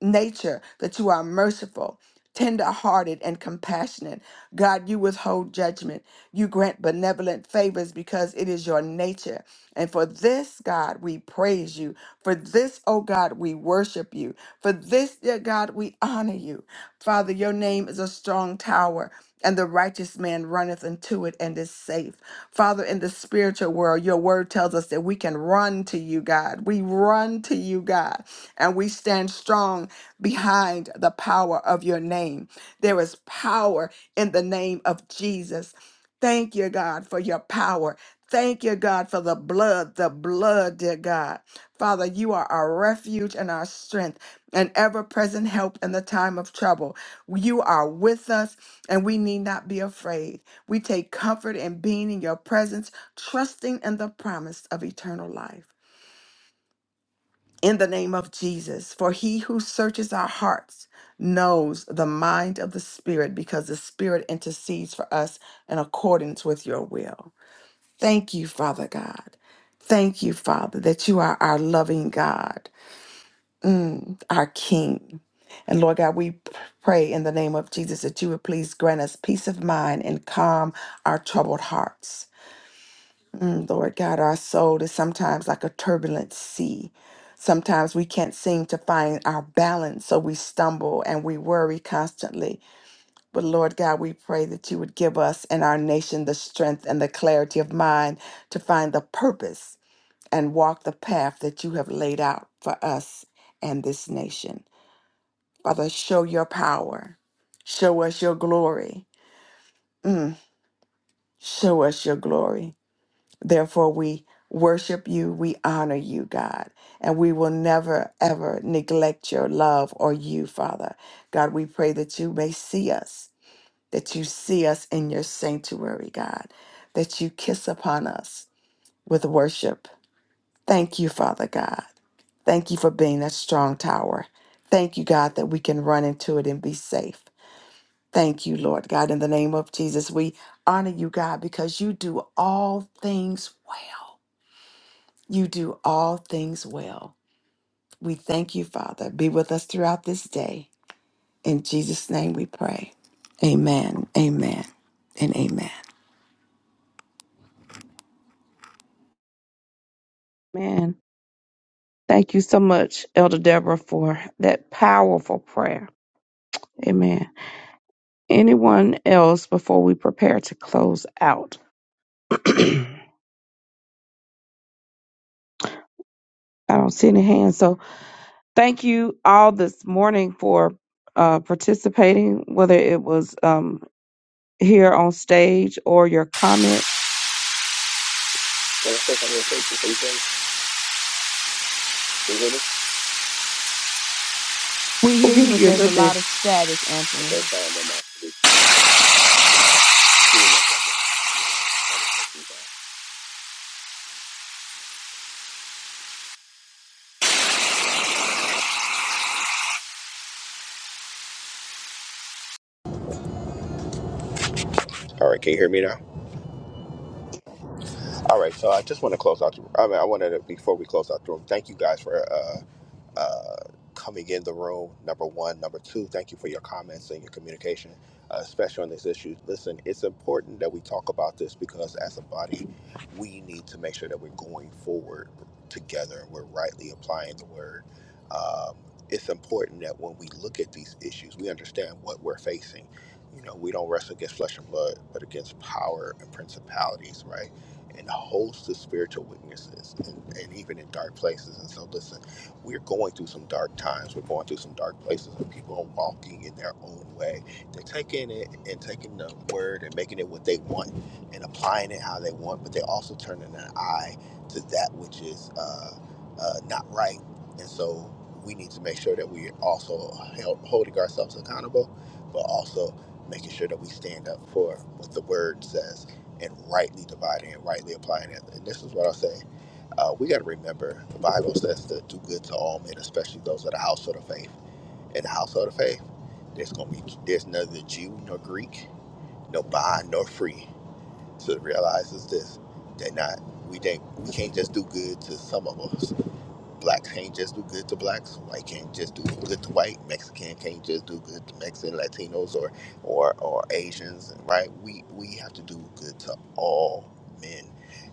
[SPEAKER 5] nature, that you are merciful, tender-hearted, and compassionate. God, you withhold judgment. You grant benevolent favors because it is your nature. And for this, God, we praise you. For this, oh God, we worship you. For this, dear God, we honor you. Father, your name is a strong tower. And the righteous man runneth into it and is safe. Father, in the spiritual world, your word tells us that we can run to you, God. We run to you, God and we stand strong behind the power of your name. There is power in the name of Jesus. Thank you, God, for your power. Thank you, God, for the blood, the blood, dear God. Father, you are our refuge and our strength, an ever present help in the time of trouble. You are with us, and we need not be afraid. We take comfort in being in your presence, trusting in the promise of eternal life in the name of Jesus. For he who searches our hearts knows the mind of the Spirit because the Spirit intercedes for us in accordance with your will. Thank you, Father God. Thank you, Father, that you are our loving God, mm, our King. And Lord God, we pray in the name of Jesus that you would please grant us peace of mind and calm our troubled hearts. Mm, Lord God, our soul is sometimes like a turbulent sea. Sometimes we can't seem to find our balance, so we stumble and we worry constantly. But Lord God, we pray that you would give us and our nation the strength and the clarity of mind to find the purpose and walk the path that you have laid out for us and this nation. Father, show your power, show us your glory. Mm, show us your glory. Therefore, we worship you, we honor you, God, and we will never, ever neglect your love or you, Father. God, we pray that you may see us, that you see us in your sanctuary, God, that you kiss upon us with worship. Thank you, Father God. Thank you for being a strong tower. Thank you, God, that we can run into it and be safe. Thank you, Lord God. In the name of Jesus, we honor you, God, because you do all things well. You do all things well. We thank you, Father. Be with us throughout this day. In Jesus' name we pray. Amen, amen, and amen.
[SPEAKER 2] Man, thank you so much, Elder Deborah, for that powerful prayer. Amen. Anyone else before we prepare to close out? (clears throat) I don't see any hands. So thank you all this morning for uh, participating, whether it was um, here on stage or your comments.
[SPEAKER 1] When I say conversation, can you can hear me?
[SPEAKER 5] We
[SPEAKER 2] We'll
[SPEAKER 5] hear
[SPEAKER 2] give
[SPEAKER 5] you, but
[SPEAKER 2] you a
[SPEAKER 5] there's
[SPEAKER 2] little
[SPEAKER 5] a
[SPEAKER 2] bit
[SPEAKER 5] lot of static,
[SPEAKER 1] Okay,
[SPEAKER 5] Anthony.
[SPEAKER 1] sorry, I'm on my All right, can you hear me now? All right, so I just want to close out. The, I mean, I wanted to before we close out the room. Thank you guys for uh. uh, coming in the room. Number one, number two, thank you for your comments and your communication, uh, especially on this issue. Listen, it's important that we talk about this because as a body, we need to make sure that we're going forward together. and We're rightly applying the word. Um, it's important that when we look at these issues, we understand what we're facing. You know, we don't wrestle against flesh and blood, but against power and principalities, right? And a host of spiritual weaknesses, and, and even in dark places. And so, listen we're going through some dark times. We're going through some dark places, and people are walking in their own way. They're taking it and taking the word and making it what they want and applying it how they want, but they're also turning an eye to that which is uh, uh, not right. And so we need to make sure that we are also held, holding ourselves accountable, but also making sure that we stand up for what the word says and rightly dividing and rightly applying it. And this is what I say uh, we got to remember the Bible says to do good to all men, especially those of the household of faith. In the household of faith, there's going to be there's neither Jew nor Greek, no bond nor free. So to realize is this: they're not. We think we can't just do good to some of us. Blacks can't just do good to blacks. White can't just do good to white. Mexican can't just do good to Mexican, Latinos, or or or Asians. Right? We we have to do good to all men.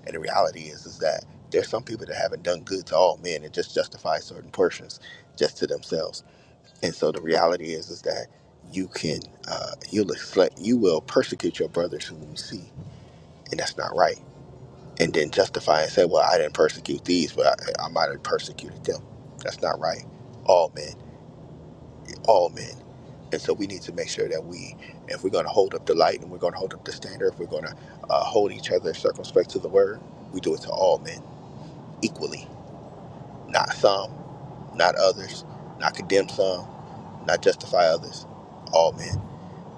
[SPEAKER 1] And the reality is is that there's some people that haven't done good to all men and just justify certain portions just to themselves. And so the reality is is that you can uh, you'll expect- you will persecute your brothers who you see, and that's not right and then justify and say, well, I didn't persecute these, but I, I might have persecuted them. That's not right. All men, all men. And so we need to make sure that we, if we're going to hold up the light and we're going to hold up the standard, if we're going to uh, hold each other circumspect to the word, we do it to all men equally, not some, not others, not condemn some, not justify others, all men.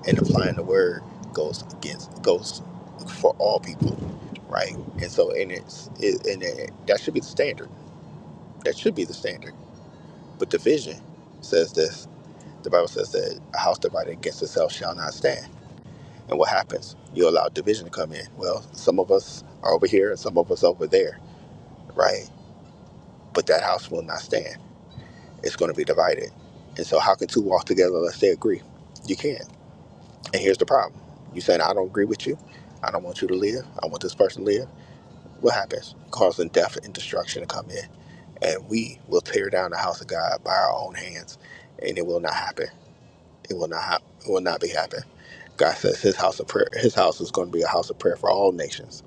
[SPEAKER 1] And applying the word goes against, goes for all people, right? And so, and it's, it, and it, that should be the standard That should be the standard. But division says this. The Bible says that a house divided against itself shall not stand. And what happens? You allow division to come in. Well, some of us are over here and some of us over there, right? But that house will not stand. It's going to be divided. And so, how can two walk together unless they agree? You can't. And here's the problem you saying, I don't agree with you. I don't want you to live. I want this person to live. What happens? Causing death and destruction to come in. And we will tear down the house of God by our own hands, and it will not happen It will not hap it will not be happen. God says His house of prayer, His house is going to be a house of prayer for all nations.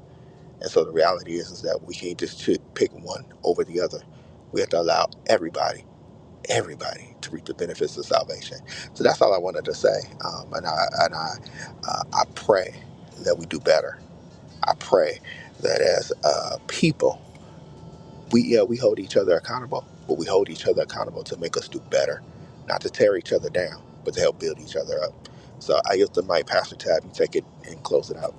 [SPEAKER 1] And so the reality is, is that we can't just ch- pick one over the other. We have to allow everybody, everybody, to reap the benefits of salvation. So that's all I wanted to say. Um, and I and I uh, I pray that we do better. I pray that as uh, people we yeah we hold each other accountable but we hold each other accountable to make us do better not to tear each other down but to help build each other up so i used to my pastor tab you take it and close it out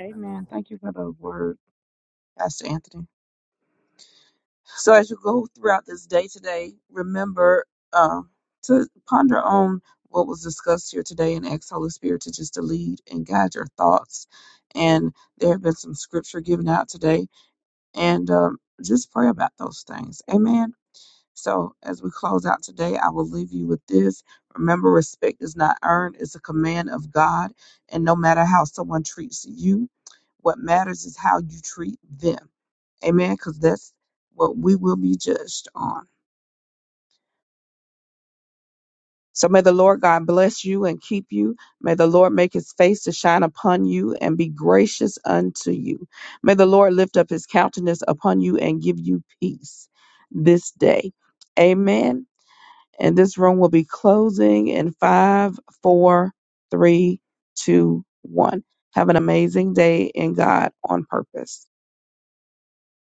[SPEAKER 2] Amen. Thank you for the word, Pastor Anthony. So as you go throughout this day today, remember um, to ponder on what was discussed here today and ask Holy Spirit to just to lead and guide your thoughts. And there have been some scripture given out today, and um, just pray about those things. Amen. So as we close out today, I will leave you with this. Remember, respect is not earned; it's a command of God. And no matter how someone treats you, what matters is how you treat them. Amen. Because that's what we will be judged on. So may the Lord God bless you and keep you. May the Lord make his face to shine upon you and be gracious unto you. May the Lord lift up his countenance upon you and give you peace this day. Amen. And this room will be closing in five, four, three, two, one. Have an amazing day in God on purpose.